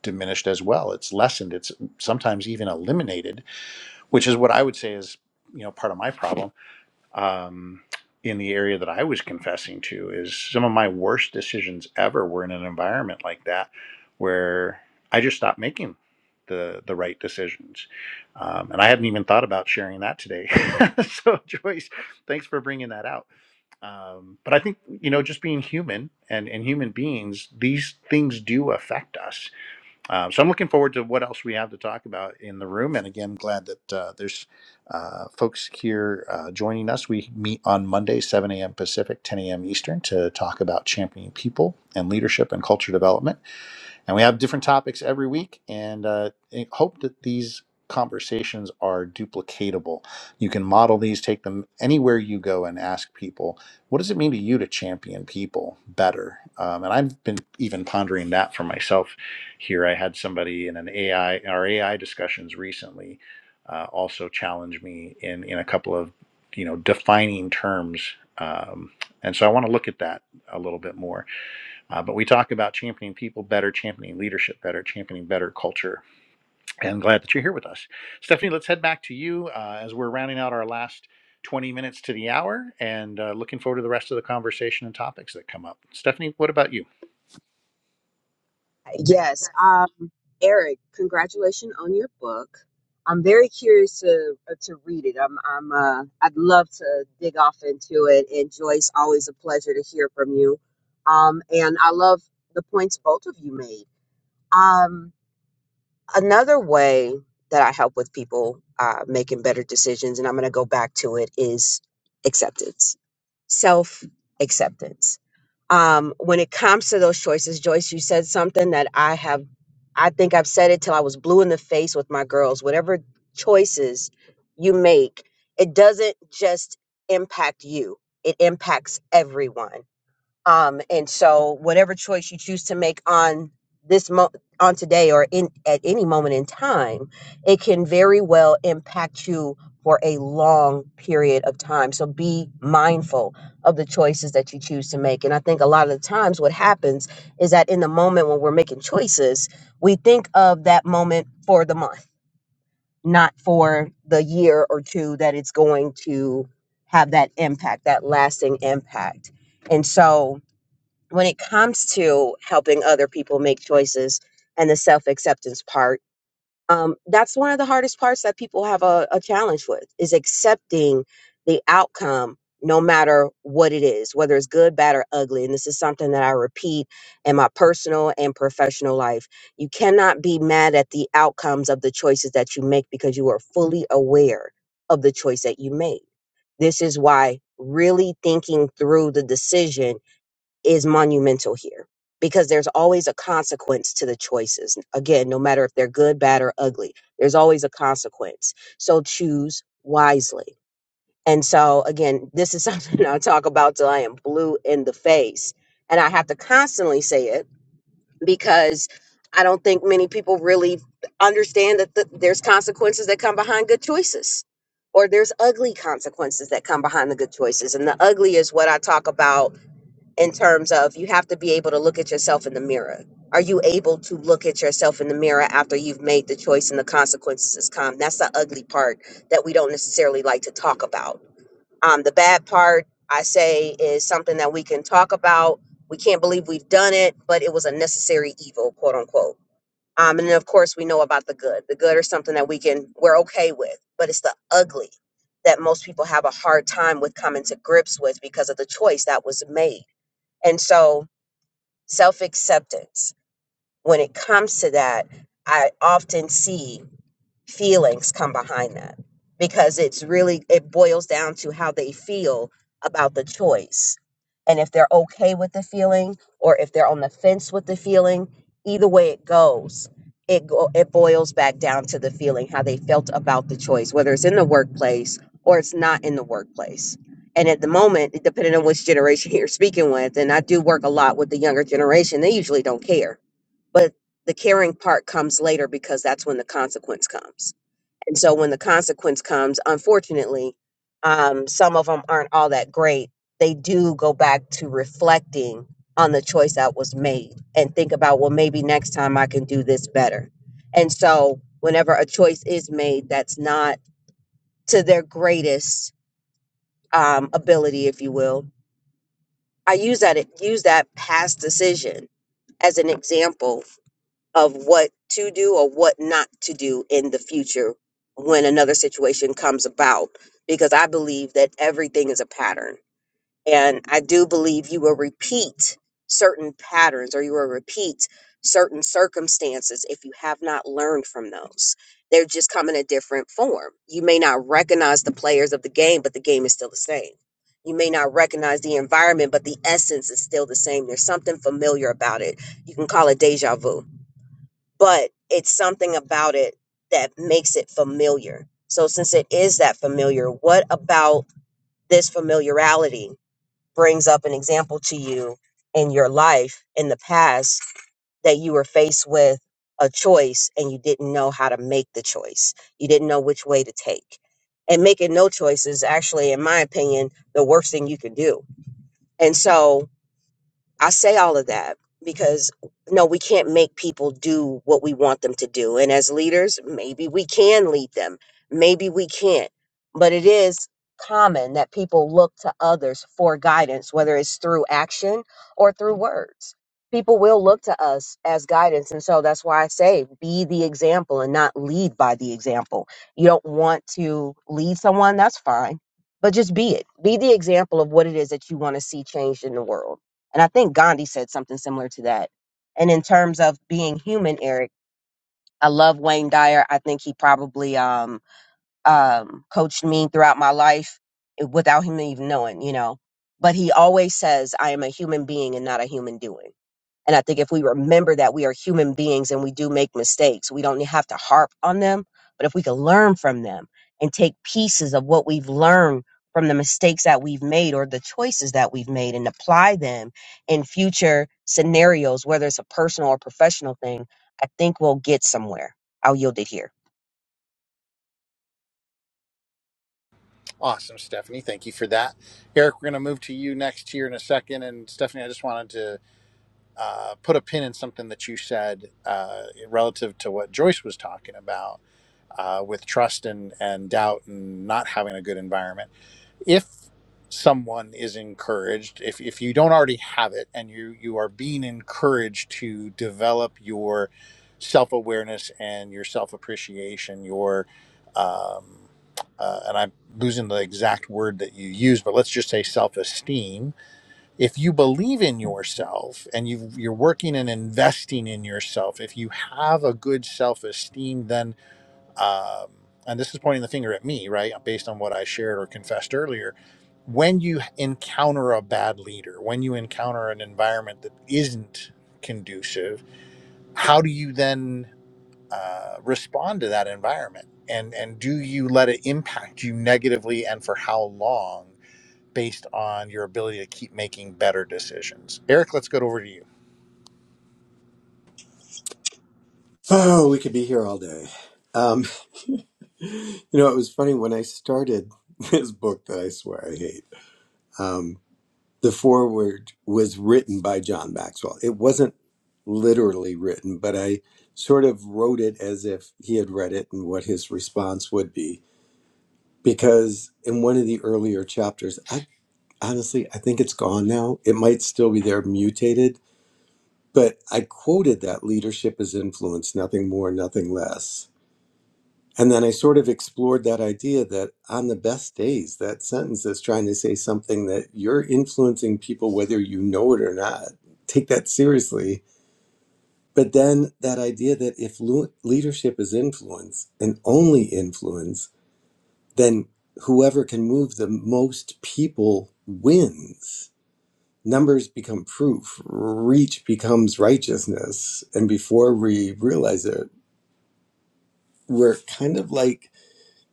A: diminished as well it's lessened it's sometimes even eliminated which is what i would say is you know part of my problem um, in the area that i was confessing to is some of my worst decisions ever were in an environment like that where i just stopped making the, the right decisions um, and i hadn't even thought about sharing that today so joyce thanks for bringing that out um, but I think you know, just being human and and human beings, these things do affect us. Um, so I'm looking forward to what else we have to talk about in the room. And again, glad that uh, there's uh, folks here uh, joining us. We meet on Monday, 7 a.m. Pacific, 10 a.m. Eastern, to talk about championing people and leadership and culture development. And we have different topics every week, and uh, I hope that these conversations are duplicatable. You can model these, take them anywhere you go, and ask people, what does it mean to you to champion people better? Um, and I've been even pondering that for myself here. I had somebody in an AI, our AI discussions recently. Uh, also challenge me in in a couple of you know defining terms um, and so i want to look at that a little bit more uh, but we talk about championing people better, championing leadership better, championing better culture. And I'm glad that you're here with us. Stephanie, let's head back to you uh, as we're rounding out our last 20 minutes to the hour and uh, looking forward to the rest of the conversation and topics that come up. Stephanie, what about you?
B: Yes. Um, Eric, congratulations on your book. I'm very curious to uh, to read it. I'm I'm uh I'd love to dig off into it. And Joyce, always a pleasure to hear from you. Um, and I love the points both of you made. Um, another way that I help with people uh, making better decisions, and I'm going to go back to it, is acceptance, self acceptance. Um, when it comes to those choices, Joyce, you said something that I have, I think I've said it till I was blue in the face with my girls. Whatever choices you make, it doesn't just impact you, it impacts everyone um, and so whatever choice you choose to make on this mo- on today or in at any moment in time, it can very well impact you for a long period of time. So be mindful of the choices that you choose to make. And I think a lot of the times what happens is that in the moment when we're making choices, we think of that moment for the month, not for the year or two that it's going to have that impact, that lasting impact. And so when it comes to helping other people make choices and the self acceptance part, um, that's one of the hardest parts that people have a, a challenge with is accepting the outcome, no matter what it is, whether it's good, bad, or ugly. And this is something that I repeat in my personal and professional life. You cannot be mad at the outcomes of the choices that you make because you are fully aware of the choice that you made. This is why really thinking through the decision is monumental here because there's always a consequence to the choices. Again, no matter if they're good, bad, or ugly, there's always a consequence. So choose wisely. And so, again, this is something I talk about till I am blue in the face. And I have to constantly say it because I don't think many people really understand that th- there's consequences that come behind good choices or there's ugly consequences that come behind the good choices. And the ugly is what I talk about in terms of you have to be able to look at yourself in the mirror. Are you able to look at yourself in the mirror after you've made the choice and the consequences has come? That's the ugly part that we don't necessarily like to talk about. Um, the bad part, I say, is something that we can talk about. We can't believe we've done it, but it was a necessary evil, quote unquote. Um, and then, of course, we know about the good. The good are something that we can, we're okay with, but it's the ugly that most people have a hard time with coming to grips with because of the choice that was made and so, self acceptance, when it comes to that, I often see feelings come behind that because it's really it boils down to how they feel about the choice and if they're okay with the feeling or if they're on the fence with the feeling either way it goes it go, it boils back down to the feeling how they felt about the choice whether it's in the workplace or it's not in the workplace and at the moment it- depending on which generation you're speaking with and I do work a lot with the younger generation they usually don't care but the caring part comes later because that's when the consequence comes and so when the consequence comes, unfortunately, um, some of them aren't all that great. They do go back to reflecting on the choice that was made and think about, well, maybe next time I can do this better. And so whenever a choice is made that's not to their greatest um, ability, if you will, I use that use that past decision as an example of what to do or what not to do in the future when another situation comes about because I believe that everything is a pattern. And I do believe you will repeat certain patterns or you will repeat certain circumstances if you have not learned from those. They're just come in a different form. You may not recognize the players of the game, but the game is still the same. You may not recognize the environment, but the essence is still the same. There's something familiar about it. You can call it deja vu but it's something about it that makes it familiar. So, since it is that familiar, what about this familiarity brings up an example to you in your life in the past that you were faced with a choice and you didn't know how to make the choice? You didn't know which way to take. And making no choice is actually, in my opinion, the worst thing you can do. And so, I say all of that because no, we can't make people do what we want them to do. And as leaders, maybe we can lead them, maybe we can't. But it is common that people look to others for guidance, whether it's through action or through words. People will look to us as guidance. And so that's why I say be the example and not lead by the example. You don't want to lead someone, that's fine. But just be it. Be the example of what it is that you want to see changed in the world and I think Gandhi said something similar to that. And in terms of being human, Eric, I love Wayne Dyer. I think he probably um, um, coached me throughout my life eh, without him even knowing, you know. But he always says, I am a human being and not a human doing and I think if we remember that we are human beings and we do make mistakes, we don't have to harp on them. But if we can learn from them and take pieces of what we've learned from the mistakes that we've made or the choices that we've made and apply them in future scenarios, whether it's a personal or professional thing, I think we'll get somewhere. I'll yield it here.
A: Awesome, Stephanie. Thank you for that. Eric, we're going to move to you next here in a second. And Stephanie, I just wanted to uh, put a pin in something that you said uh, relative to what Joyce was talking about uh, with trust and, and doubt and not having a good environment. if someone is encouraged if, if you don't already have it and you you are being encouraged to develop your self-awareness and your self-appreciation your um, uh, and i'm losing the exact word that you use but let's just say self-esteem if you believe in yourself and you you're working and investing in yourself if you have a good self-esteem then um, and this is pointing the finger at me, right, based on what I shared or confessed earlier, when you encounter a bad leader, when you encounter an environment that isn't conducive, how do you then uh, respond to that environment? And, and do you let it impact you negatively and for how long based on your ability to keep making better decisions? Eric, let's go over to you.
C: Oh, we could be here all day. Um, you know, it was funny when I started this book that I swear I hate. Um. the foreword was written by John Maxwell. It wasn't literally written, but I sort of wrote it as if he had read it and what his response would be. Because in one of the earlier chapters, I honestly I think it's gone now. It might still be there mutated, but I quoted that leadership is influence, nothing more, nothing less and then I sort of explored that idea that on the best days, that sentence is trying to say something that you're influencing people whether you know it or not. Take that seriously. But then that idea that if lu- leadership is influence and only influence, then whoever can move the most people wins. Numbers become proof, reach becomes righteousness. And before we realize it, we're kind of like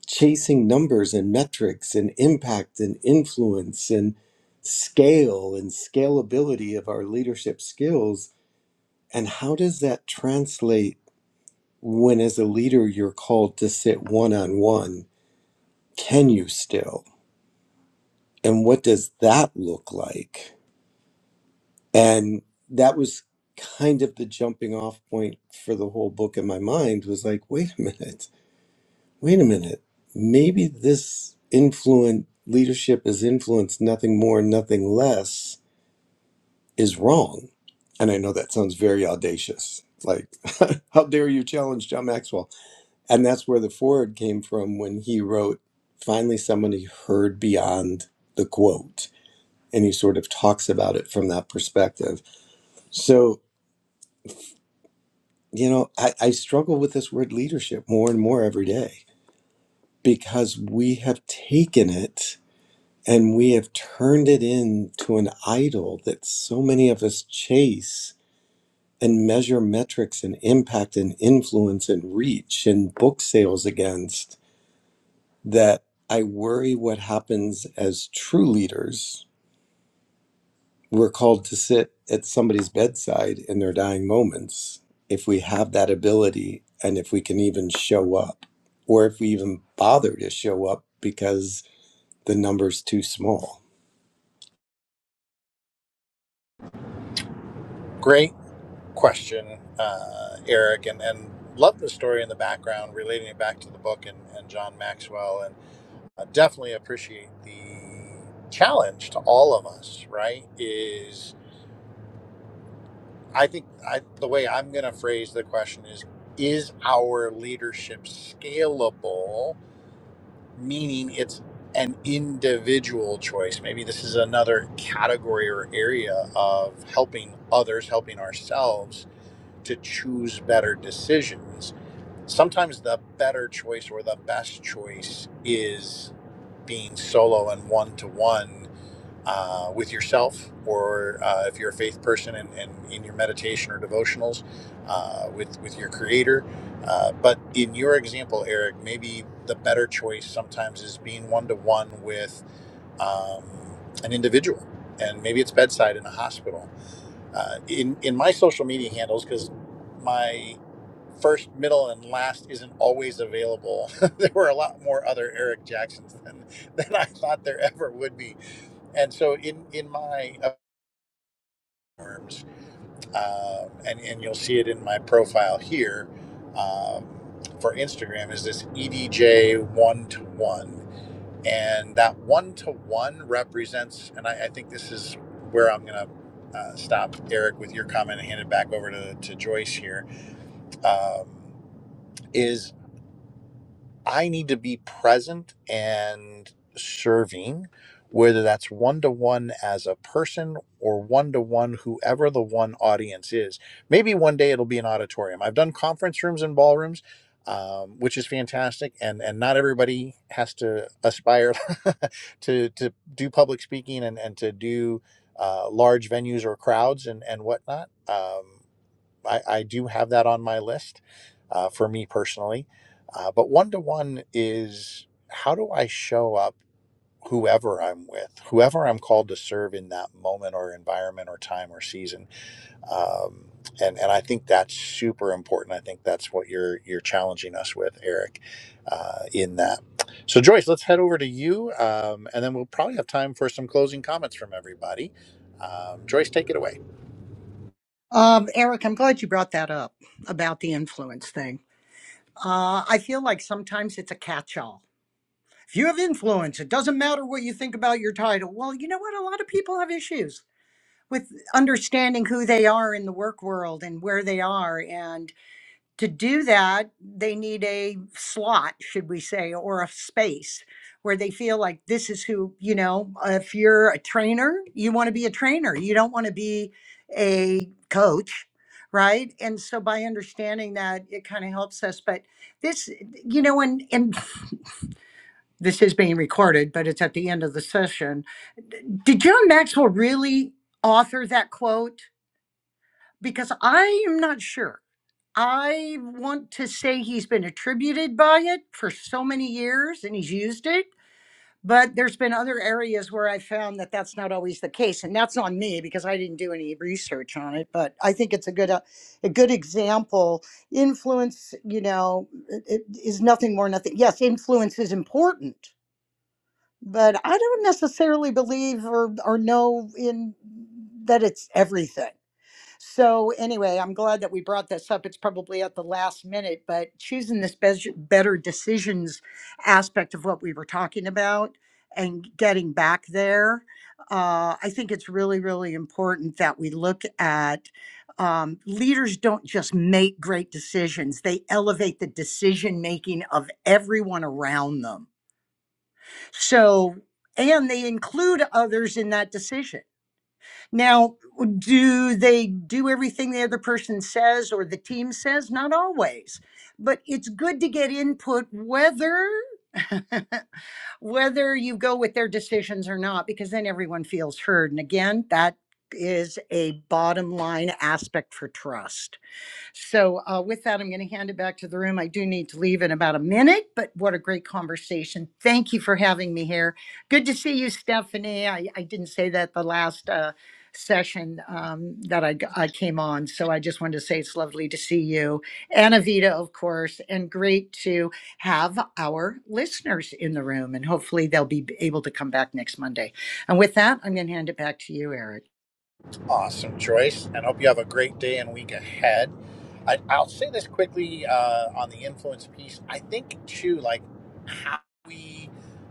C: chasing numbers and metrics and impact and influence and scale and scalability of our leadership skills. And how does that translate when, as a leader, you're called to sit one on one? Can you still? And what does that look like? And that was kind of the jumping off point for the whole book in my mind was like, wait a minute Wait a minute. Maybe this influent leadership is influence, nothing more, nothing less, is wrong. And I know that sounds very audacious. Like, how dare you challenge John Maxwell? And that's where the forward came from when he wrote, Finally, somebody heard beyond the quote. And he sort of talks about it from that perspective. So, you know, I, I struggle with this word leadership more and more every day because we have taken it And we have turned it into an idol that so many of us chase and measure metrics and impact and influence and reach and book sales against. That I worry what happens as true leaders. We're called to sit at somebody's bedside in their dying moments if we have that ability and if we can even show up or if we even bother to show up because the number's too small
A: Great question, uh, Eric, and, and love the story in the background, relating it back to the book and, and John Maxwell. And I definitely appreciate the challenge to all of us, right? Is I think I, the way I'm going to phrase the question is Is our leadership scalable? Meaning it's an individual choice. Maybe this is another category or area of helping others, helping ourselves to choose better decisions sometimes the better choice or the best choice is being solo and one to one with yourself, or uh, if you're a faith person and, and in your meditation or devotionals uh, with with your Creator. Uh, but in your example, Eric, maybe the better choice sometimes is being one to one with um, an individual, and maybe it's bedside in a hospital uh, in in my social media handles because my first, middle, and last isn't always available. there were a lot more other Eric Jacksons than than I thought there ever would be, and so in in my forms, um, and and you'll see it in my profile here um, for Instagram is this EDJ one to one. And that one to one represents, and I, I think this is where I'm going to uh, stop, Eric, with your comment and hand it back over to, to Joyce here. Um, is I need to be present and serving, whether that's one to one as a person or one to one, whoever the one audience is. Maybe one day it'll be an auditorium. I've done conference rooms and ballrooms. Um, which is fantastic, and and not everybody has to aspire to to do public speaking and and to do uh, large venues or crowds and and whatnot. Um, I, I do have that on my list uh, for me personally. Uh, but one to one is how do I show up whoever I'm with, whoever I'm called to serve in that moment or environment or time or season. Um, and, and I think that's super important. I think that's what you're you're challenging us with, Eric, uh, in that. So Joyce, let's head over to you, um, and then we'll probably have time for some closing comments from everybody. Um, Joyce, take it away.
D: um, eric i'm glad you brought that up about the influence thing Uh, I feel like sometimes it's a catch all. If you have influence, it doesn't matter what you think about your title. Well, you know what? A lot of people have issues with understanding who they are in the work world and where they are. and to do that, they need a slot, should we say, or a space where they feel like this is who, you know, if you're a trainer, you want to be a trainer. You don't want to be a coach, right? And so by understanding that, it kind of helps us. But this, you know, and, and this is being recorded, but it's at the end of the session. Did John Maxwell really author that quote? Because I am not sure. I want to say he's been attributed by it for so many years and he's used it, but there's been other areas where I found that that's not always the case and that's on me because I didn't do any research on it, but I think it's a good uh, a good example. Influence, you know, i- i- is nothing more nothing. Yes, influence is important, but I don't necessarily believe or or know in that it's everything. So anyway, I'm glad that we brought this up. It's probably at the last minute, but choosing this bes- better decisions aspect of what we were talking about and getting back there, uh, I think it's really, really important that we look at um, leaders don't just make great decisions; they elevate the decision making of everyone around them. So, and they include others in that decision now, do they do everything the other person says or the team says? Not always, but it's good to get input whether whether you go with their decisions or not because then everyone feels heard and again that is a bottom line aspect for trust. So, uh, with that, I'm going to hand it back to the room. I do need to leave in about a minute, but what a great conversation. Thank you for having me here. Good to see you, Stephanie. I, I didn't say that the last uh, session um, that I I came on, so I just wanted to say it's lovely to see you. And Avita, of course, and great to have our listeners in the room, and hopefully they'll be able to come back next Monday. And with that, I'm going to hand it back to you, Eric.
A: Awesome choice, and hope you have a great day and week ahead. I, I'll say this quickly uh, on the influence piece. I think too, like how we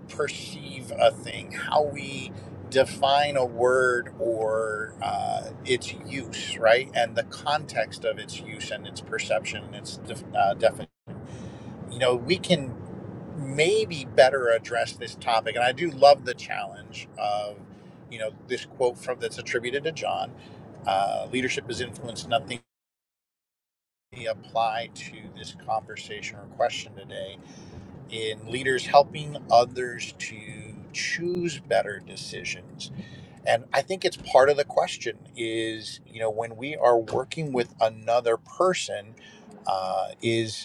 A: perceive a thing, how we define a word or uh, its use, right, and the context of its use and its perception and its def- uh, definition you know, we can maybe better address this topic. And I do love the challenge of, you know, this quote from that's attributed to John. Uh, leadership is influence, nothing we apply to this conversation or question today in leaders helping others to choose better decisions and i think it's part of the question is you know when we are working with another person uh, is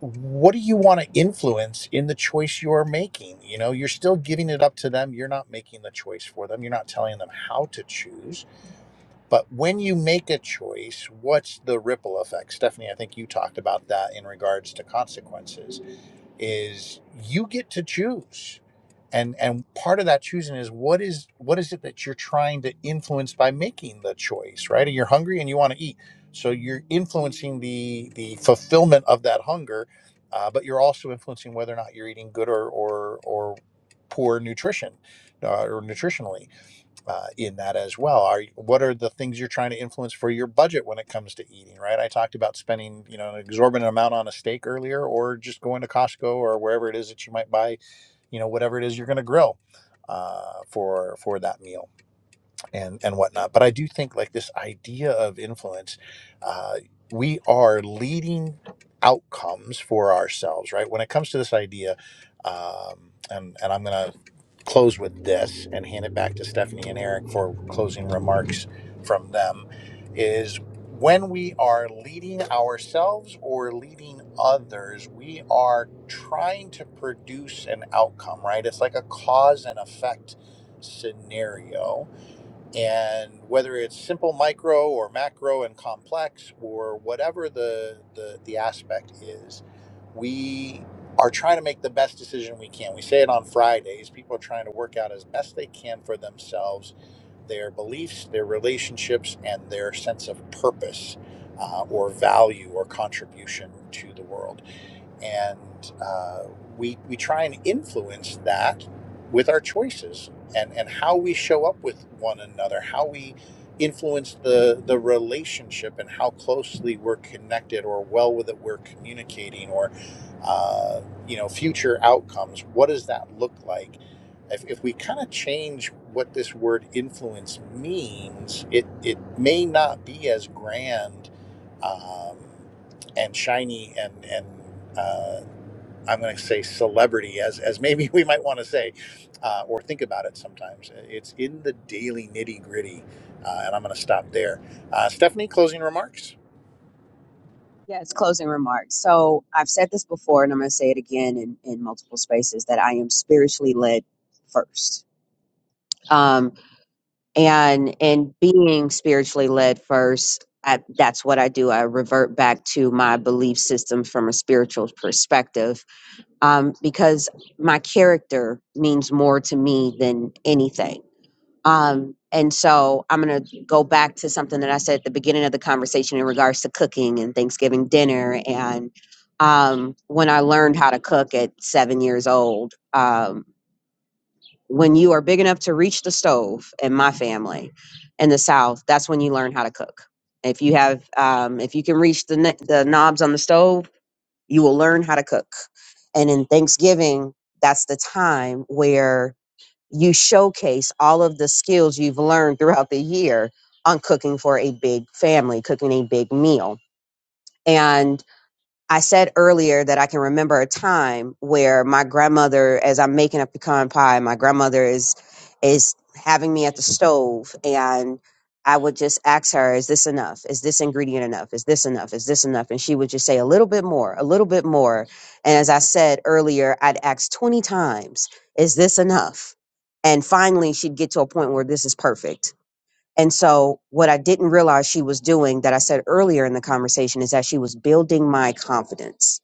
A: what do you want to influence in the choice you're making? You know, you're still giving it up to them. You're not making the choice for them. You're not telling them how to choose. But when you make a choice, what's the ripple effect? Stephanie, I think you talked about that in regards to consequences is you get to choose and and part of that choosing is what is what is it that you're trying to influence by making the choice right and you're hungry and you want to eat so you're influencing the the fulfillment of that hunger uh, but you're also influencing whether or not you're eating good or or or poor nutrition uh, or nutritionally uh, in that as well. Are what are the things you're trying to influence for your budget when it comes to eating? Right, I talked about spending you know an exorbitant amount on a steak earlier, or just going to Costco or wherever it is that you might buy you know whatever it is you're going to grill uh, for for that meal and and whatnot. But I do think like this idea of influence, uh, we are leading outcomes for ourselves, right? When it comes to this idea, um, and and I'm gonna close with this and hand it back to Stephanie and Eric for closing remarks from them. Is when we are leading ourselves or leading others, we are trying to produce an outcome, right? It's like a cause and effect scenario and whether it's simple micro or macro and complex or whatever the, the, the aspect is, we are trying to make the best decision we can. We say it on Fridays. People are trying to work out as best they can for themselves their beliefs, their relationships, and their sense of purpose uh, or value or contribution to the world and uh, we we try and influence that with our choices and and how we show up with one another, how we influence the the relationship and how closely we're connected or well with it we're communicating or uh, you know future outcomes what does that look like if, if we kind of change what this word influence means it it may not be as grand um, and shiny and and uh, I'm going to say celebrity as as maybe we might want to say uh, or think about it sometimes. It's in the daily nitty gritty, uh, and I'm going to stop there. Uh, Stephanie, closing remarks.
B: Yeah, it's closing remarks. So I've said this before, and I'm going to say it again in, in multiple spaces that I am spiritually led first. and and being spiritually led first I, that's what i do i revert back to my belief system from a spiritual perspective um, because my character means more to me than anything um, and so i'm going to go back to something that i said at the beginning of the conversation in regards to cooking and thanksgiving dinner and um, when i learned how to cook at seven years old um, when you are big enough to reach the stove, in my family, in the South, that's when you learn how to cook. If you have, um, if you can reach the ne- the knobs on the stove, you will learn how to cook. And in Thanksgiving, that's the time where you showcase all of the skills you've learned throughout the year on cooking for a big family, cooking a big meal. and. I said earlier that I can remember a time where my grandmother, as I'm making a pecan pie, my grandmother is is having me at the stove, and I would just ask her, "Is this enough? Is this ingredient enough? Is this enough? Is this enough?" And she would just say, "A little bit more, a little bit more." And as I said earlier, I'd ask twenty times, "Is this enough?" And finally, she'd get to a point where this is perfect and so, what I didn't realize she was doing that I said earlier in the conversation is that she was building my confidence.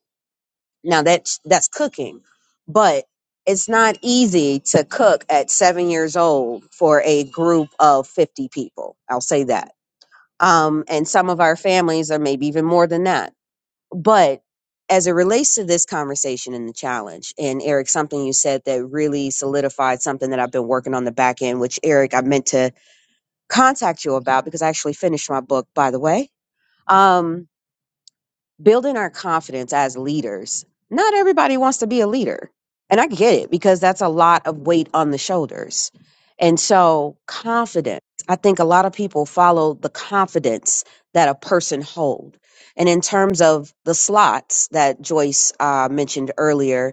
B: Now that's that's cooking, but it's not easy to cook at seven years old for a group of fifty people. I'll say that. Um, and some of our families are maybe even more than that. But as it relates to this conversation and the challenge, and Eric, something you said that really solidified something that I've been working on the back end, which Eric, I meant to contact you about because I actually finished my book, by the way. Um, building our confidence as leaders. Not everybody wants to be a leader. And I get it because that's a lot of weight on the shoulders. And so, confidence, I think a lot of people follow the confidence that a person hold. And in terms of the slots that Joyce uh, mentioned earlier,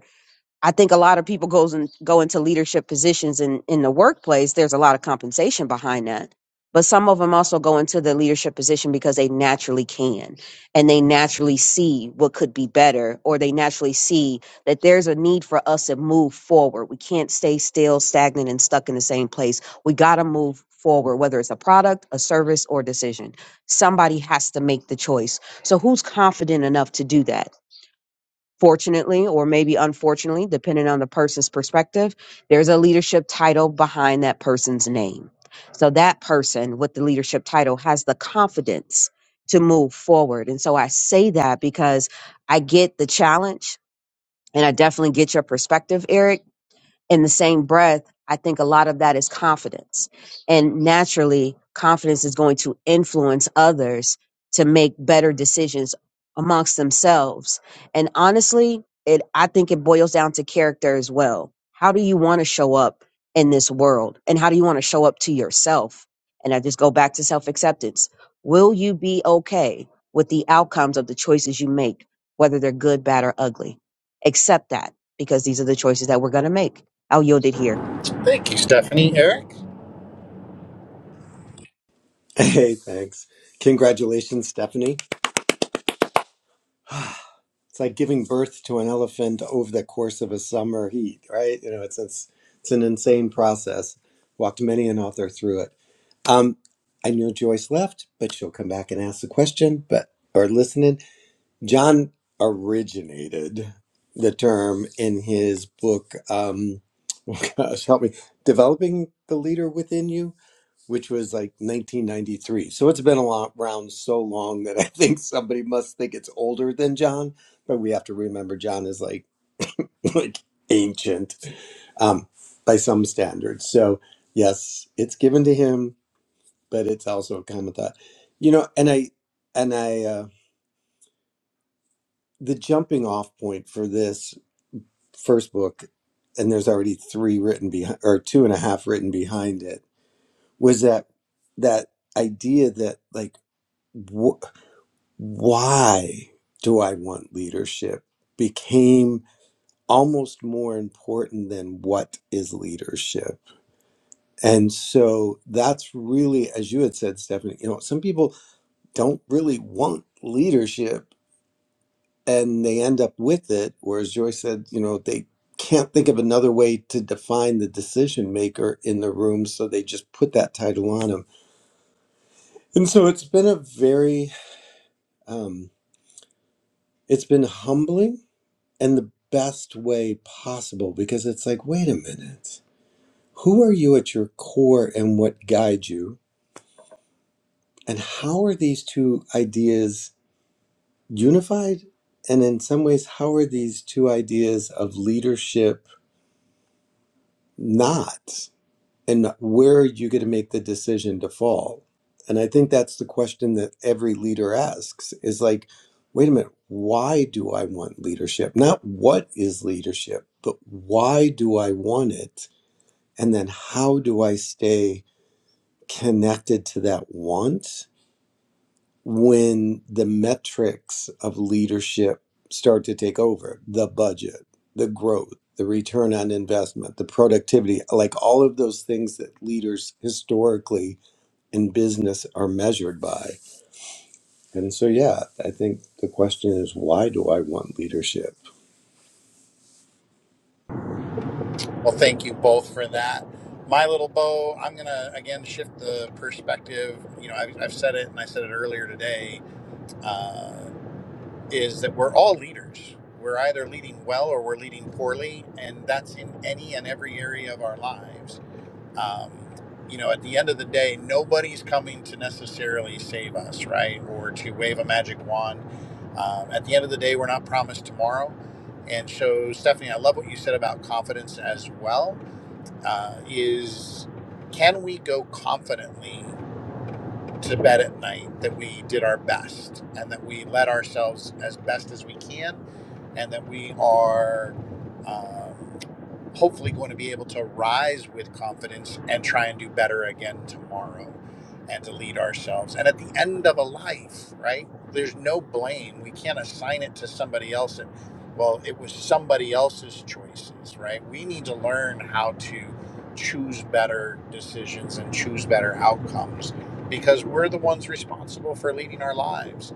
B: I think a lot of people goes and go into leadership positions in in the workplace. There's a lot of compensation behind that, but some of them also go into the leadership position because they naturally can, and they naturally see what could be better, or they naturally see that there's a need for us to move forward. We can't stay still, stagnant, and stuck in the same place. We got to move forward, whether it's a product, a service, or decision. Somebody has to make the choice. So who's confident enough to do that? Fortunately, or maybe unfortunately, depending on the person's perspective, there's a leadership title behind that person's name. So that person with the leadership title has the confidence to move forward. And so I say that because I get the challenge and I definitely get your perspective, Eric in the same breath, I think a lot of that is confidence. And naturally, confidence is going to influence others to make better decisions amongst themselves. And honestly, it I think it boils down to character as well. How do you want to show up in this world? And how do you want to show up to yourself? And I just go back to self-acceptance. Will you be okay with the outcomes of the choices you make, whether they're good, bad, or ugly? Accept that because these are the choices that we're going to make I'll yield it here.
A: Thank you, Stephanie. Eric.
C: Hey, thanks. Congratulations, Stephanie. It's like giving birth to an elephant over the course of a summer heat, right? You know, it's it's, it's an insane process. Walked many an author through it. Um, I know Joyce left, but she'll come back and ask the question, but or listen in. John originated the term in his book, um, oh gosh, help me, Developing the Leader Within You which was like 1993. So it's been a lot, around so long that I think somebody must think it's older than John. But we have to remember John is like like ancient um, by some standards. So yes, it's given to him, but it's also a common thought. You know, and I and I uh, the jumping off point for this first book, and there's already three written behind or two and a half written behind it was that that idea that like. why do I want leadership became almost more important than what is leadership. And so that's really, as you had said, Stephanie, you know, some people don't really want leadership and they end up with it. Or as Joy said, you know, they can't think of another way to define the decision maker in the room. So they just put that title on them. And so it's been a very, um, it's been humbling and the best way possible because it's like, wait a minute, who are you at your core and what guides you? And how are these two ideas unified? And in some ways, how are these two ideas of leadership not? And where are you going to make the decision to fall? And I think that's the question that every leader asks is like, wait a minute, why do I want leadership? Not what is leadership, but why do I want it? And then how do I stay connected to that want when the metrics of leadership start to take over? The budget, the growth, the return on investment, the productivity, like all of those things that leaders historically in business are measured by. And so, yeah, I think the question is why do I want leadership?
A: Well, thank you both for that. My little bow. I'm going to again shift the perspective. You know, I've, I've said it and I said it earlier today. Uh, is that we're all leaders. We're either leading well or we're leading poorly, and that's in any and every area of our lives. Um, you know, at the end of the day, nobody's coming to necessarily save us, right? Or to wave a magic wand. Um, at the end of the day, we're not promised tomorrow. And so, Stephanie, I love what you said about confidence as well. Uh, is can we go confidently to bed at night that we did our best and that we led ourselves as best as we can and that we are um, hopefully going to be able to rise with confidence and try and do better again tomorrow and to lead ourselves. And at the end of a life, right, there's no blame. We can't assign it to somebody else. And, well, it was somebody else's choices, right? We need to learn how to choose better decisions and choose better outcomes because we're the ones responsible for leading our lives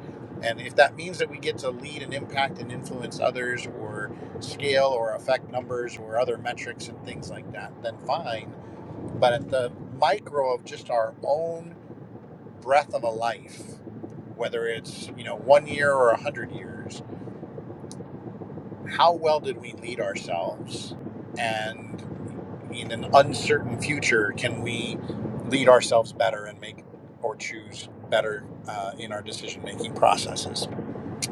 A: and if that means that we get to lead and impact and influence others or scale or affect numbers or other metrics and things like that, then fine. But at the micro of just our own breath of a life, whether it's, you know, one year or a hundred years, how well did we lead ourselves? And in an uncertain future, can we lead ourselves better and make or choose better uh, in our decision making processes?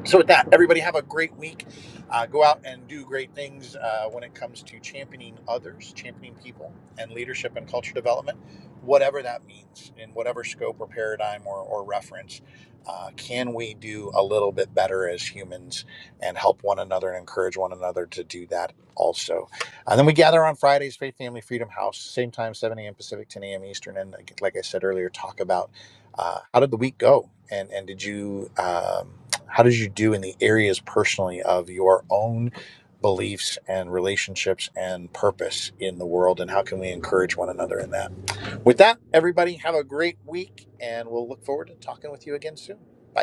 A: so with that everybody have a great week uh, go out and do great things uh, when it comes to championing others championing people and leadership and culture development whatever that means in whatever scope or paradigm or, or reference uh, can we do a little bit better as humans and help one another and encourage one another to do that also and then we gather on fridays faith family freedom house same time 7 a.m pacific 10 a.m eastern and like like i said earlier talk about uh, how did the week go and and did you um, how did you do in the areas personally of your own beliefs and relationships and purpose in the world? And how can we encourage one another in that? With that, everybody, have a great week, and we'll look forward to talking with you again soon. Bye.